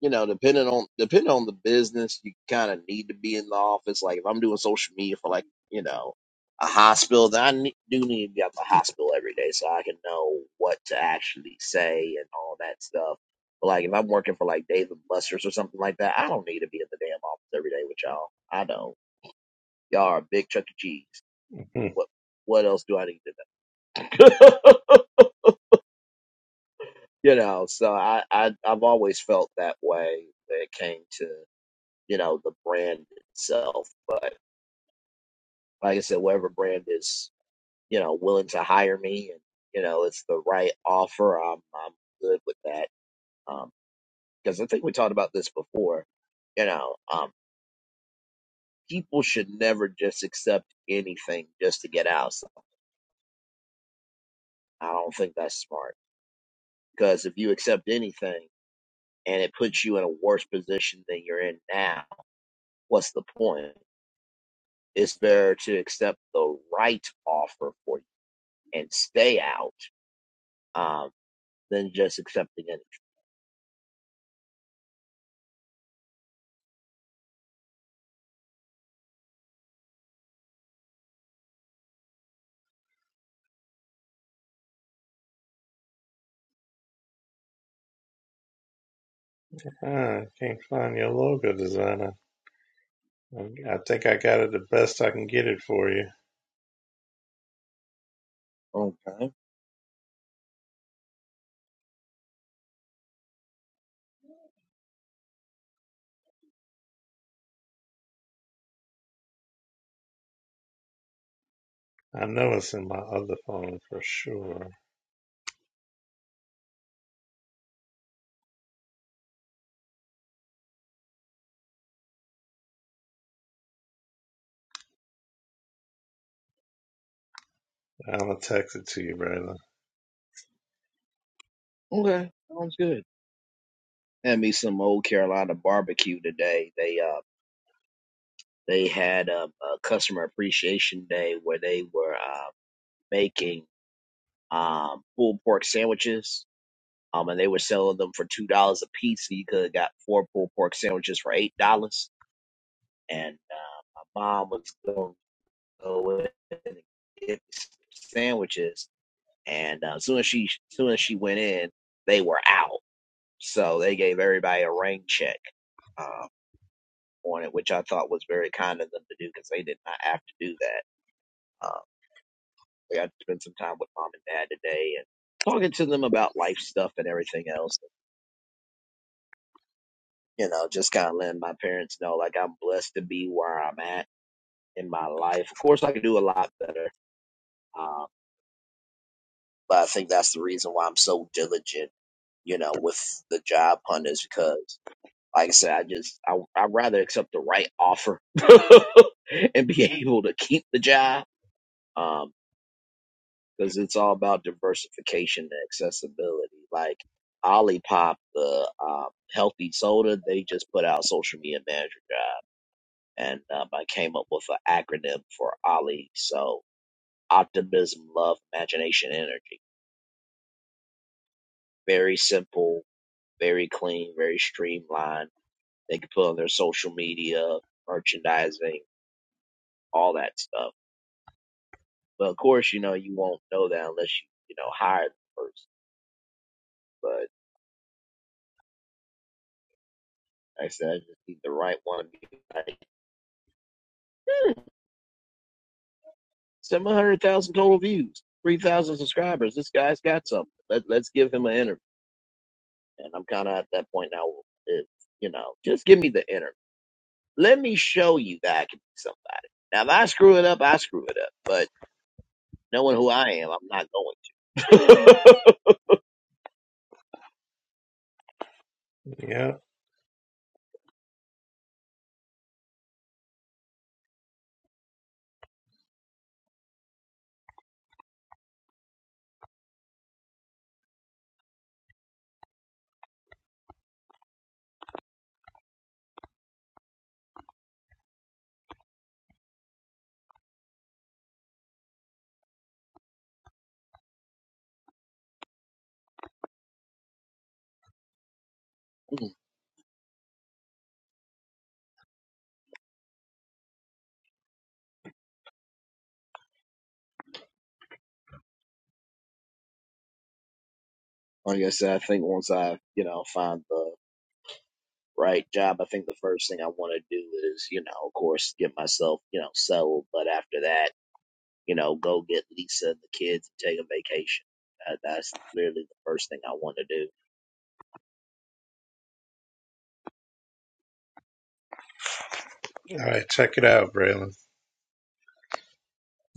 A: you know, depending on depending on the business, you kind of need to be in the office. Like if I'm doing social media for like you know a hospital, then I ne- do need to be at the hospital every day so I can know what to actually say and all that stuff. But like if I'm working for like Dave and Buster's or something like that, I don't need to be in the damn office every day with y'all. I don't. Y'all are a big Chuck E. Cheese. What what else do I need to know? you know, so I, I I've always felt that way when it came to you know, the brand itself. But like I said, whatever brand is, you know, willing to hire me and, you know, it's the right offer, I'm, I'm good with that. Um, cause I think we talked about this before, you know, um, people should never just accept anything just to get out. So I don't think that's smart. Cause if you accept anything and it puts you in a worse position than you're in now, what's the point? It's better to accept the right offer for you and stay out Um. than just accepting it.
E: I can't find your logo designer. I I think I got it the best I can get it for you.
A: Okay.
E: I know it's in my other phone for sure. I'm gonna text it to you, Braylon.
A: Okay. Sounds good. Had me some old Carolina barbecue today. They uh they had um, a customer appreciation day where they were uh, making um pulled pork sandwiches. Um, and they were selling them for two dollars a piece. So you could have got four pulled pork sandwiches for eight dollars. And uh, my mom was going to go in and get sandwiches. And uh, as soon as she, as soon as she went in, they were out So they gave everybody a rain check uh, on it, which I thought was very kind of them to do because they did not have to do that. Uh, we got to spend some time with mom and dad today and talking to them about life stuff and everything else. You know, just kind of letting my parents know like I'm blessed to be where I'm at in my life. Of course, I could do a lot better, um, but I think that's the reason why I'm so diligent. You know, with the job hunt is because. Like I said, I just I I'd rather accept the right offer and be able to keep the job. Um, because it's all about diversification and accessibility. Like Olipop, the um, healthy soda, they just put out social media manager job, and um, I came up with an acronym for Ollie. So optimism, love, imagination, energy. Very simple, very clean, very streamlined. They can put on their social media, merchandising, all that stuff But of course, you know, you won't know that unless you, you know, hire the person. But like I said, I just need the right one to be like, hmm, 700,000 total views, 3,000 subscribers. This guy's got something. Let, let's give him an interview. And I'm kind of at that point now. If, you know, just give me the interview. Let me show you that I can be somebody. Now, if I screw it up, I screw it up. But knowing who I am, I'm not going to.
E: Yeah.
A: like I said, I think once I, you know, find the right job, I think the first thing I want to do is, you know, of course, get myself, you know, settled. But after that, you know, go get Lisa and the kids and take a vacation. Uh, that's literally the first thing I want to do.
E: All right, check it out, Braylon.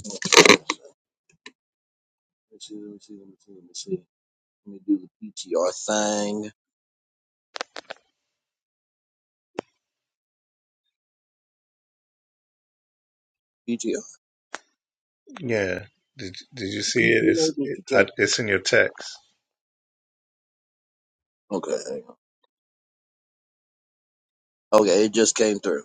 A: Let me see, let me see, let me see, let me see. Let me do the PTR thing. PTR.
E: Yeah. Did Did you see it? It's
A: PTR
E: it,
A: return.
E: I, it's in your text.
A: Okay. Okay, it just came through.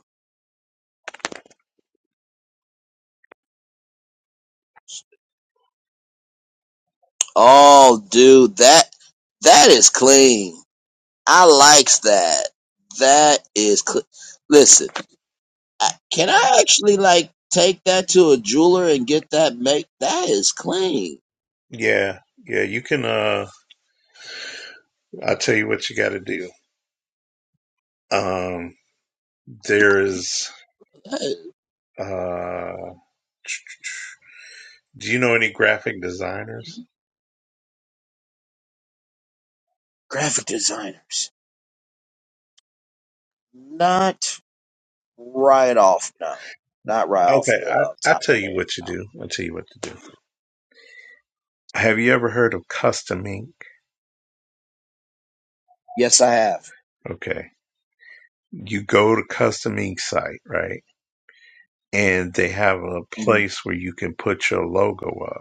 A: Oh, dude, that that is clean. I likes that. That is clean. Listen. I- can I actually like take that to a jeweler and get that make that is clean.
E: Yeah. Yeah. You can. Uh, I'll tell you what you got to do. Um, there's.
A: That
E: Uh, do you know any graphic designers?
A: is- graphic designers, not right off. No, not right off
E: Okay,
A: the uh,
E: I I
A: top
E: tell
A: of my
E: you
A: head.
E: what you do. I'll tell you what to do. Have you ever heard of Custom Ink?
A: Yes, I have.
E: Okay, you go to Custom Ink site, right? And they have a
A: Mm-hmm.
E: place where you can put your logo up.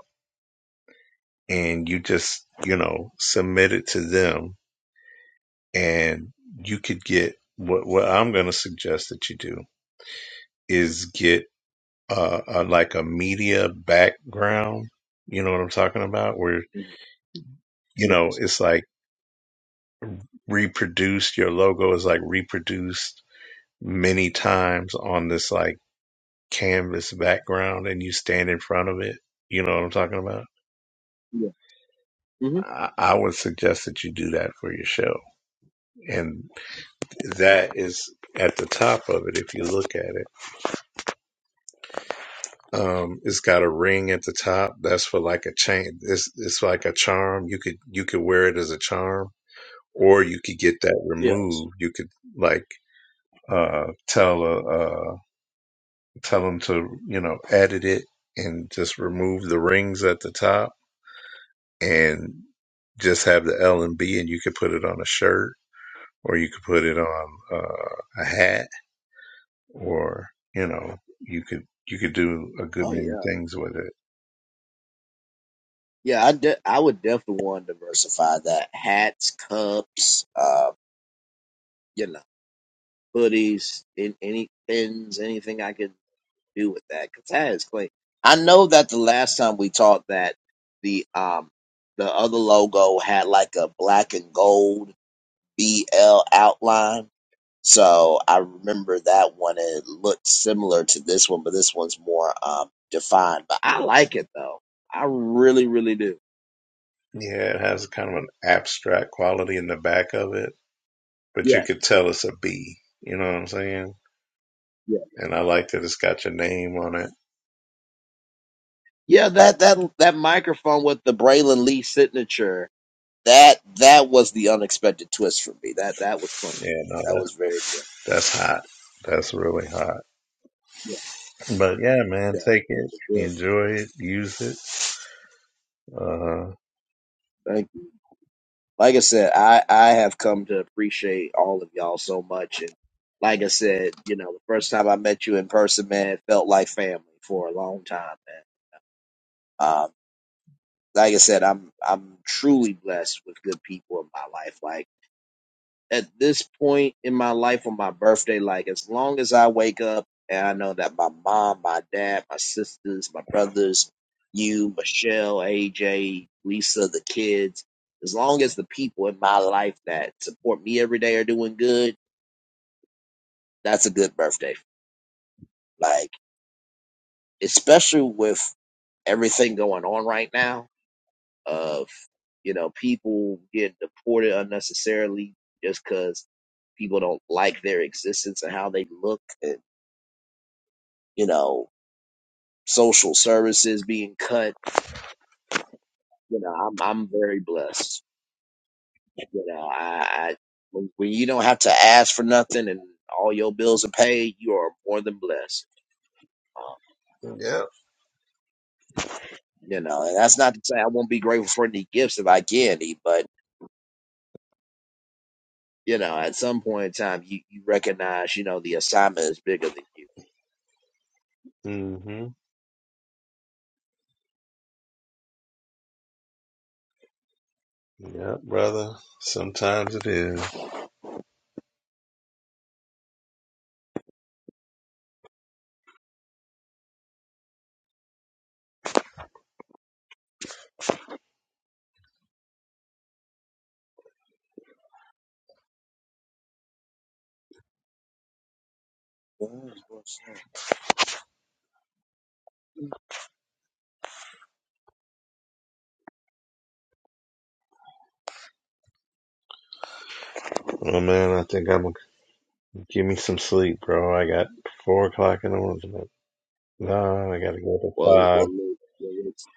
E: and you just, you know, submit it to them and you could get what, what I'm going to suggest that you do is get uh, a, like a media background. You know what I'm talking about? Where, you
A: Yeah,
E: know, it's like reproduced, your logo is like reproduced many times on this like canvas background and you stand in front of it. You know what I'm talking about?
A: yeah. hmm
E: I I would suggest that you do that for your show. and.
A: Oh,
E: That is at the top of it. If you look at it, um, it's got a ring at the top. That's for like a chain. It's it's like a charm. You could you could wear it as a charm, or you could get that
A: yes.
E: removed. You could like uh, tell uh, uh, tell them to you know edit it and just remove the rings at the top and just have the L and B, and you could put it on a shirt or you could put it on uh, a hat or you know you could you could do a good
A: Oh
E: many
A: yeah.
E: things with it
A: Yeah, I de- I would definitely want to diversify that. Hats, cups, uh, you know, hoodies, in any pins, anything I could do with that because that is clean. I know that the last time we talked that the um the other logo had like a black and gold BL outline. So I remember that one and it looked similar to this one, but this one's more um defined. But I like it though. I really, really do.
E: yeah it has kind of an abstract quality in the back of it but you
A: Yeah,
E: could tell it's a b you know what i'm saying
A: yeah.
E: and i like that it's got your name on it
A: Yeah, that that that microphone with the Braylon Lee signature, that that was the unexpected twist for me. That that was clean.
E: yeah no
A: That
E: that,
A: was very clean.
E: that's hot that's really hot but yeah man
A: Yeah,
E: take
A: no,
E: it
A: for sure.
E: enjoy it use it uh
A: Thank you. Like I said, I I have come to appreciate all of y'all so much, and like I said, you know, the first time I met you in person, man, it felt like family for a long time, man. Um, like I said, I'm I'm truly blessed with good people in my life. Like. at this point in my life on my birthday, like as long as I wake up and I know that my mom, my dad, my sisters, my brothers, you, Michelle, AJ, Lisa, the kids, as long as the people in my life that support me every day are doing good, that's a good birthday. Like, especially with everything going on right now of, you know, people getting deported unnecessarily just because people don't like their existence and how they look and. you know, social services being cut. You know, I'm I'm very blessed. You know, I, I when when you don't have to ask for nothing and all your bills are paid, you are more than blessed. Um,
E: Yep.
A: you know, and that's not to say I won't be grateful for any gifts if I get any, but you know, at some point in time, you you recognize, you know, the assignment is bigger than you.
E: hmm Yep, brother sometimes it is
A: That is what's up.
E: oh man i think i'm gonna give me some sleep bro i got four o'clock in the morning No, I gotta go to
A: Well, well,
E: five.
A: li- well, let's-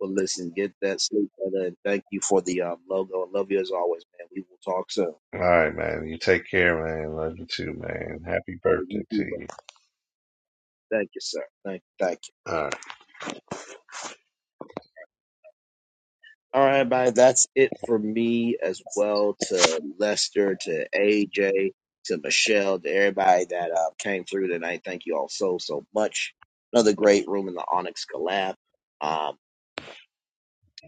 A: well, listen, get that sleep, brother, and thank you for the um, logo. I love you as always, man. We will talk soon.
E: All right, man. You take care, man. Love you too, man. Happy
A: All right,
E: birthday
A: you
E: to
A: too,
E: you.
A: Thank you, sir. Thank you. Thank you.
E: All right.
A: All right, everybody. That's it for me as well to Lester, to AJ, to Michelle, to everybody that uh, came through tonight. Thank you all so, so much. Another great room in the Onyx Collab. Um,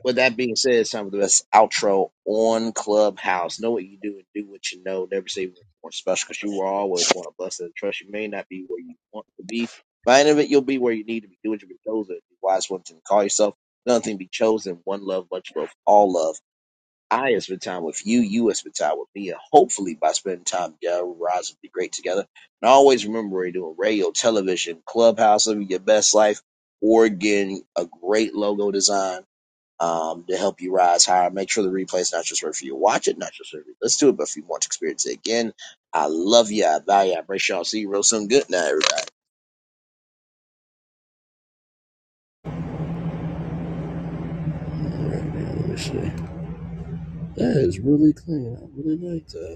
A: With that being said, some of the best outro on Clubhouse. Know what you do and do what you know. Never say what's more special because you are always one of blessed and trust. You may not be where you want to be. By the end of it, you'll be where you need to be. Do what you've been chosen. Be wise one thing to call yourself. Another thing, be chosen. One love, much love, all love. I have spent time with you. You have spent time with me. And hopefully, by spending time together, we rise and be great together. And always remember we're doing radio, television, clubhouse, living your best life, or getting a great logo design um, to help you rise higher. Make sure the replay is not just right for you. to Watch it, not just right for you. Let's do it. But if you want to experience it again, I love you. I value. you, I appreciate y'all. See you real soon. Good night, everybody. That is really clean. I really like that.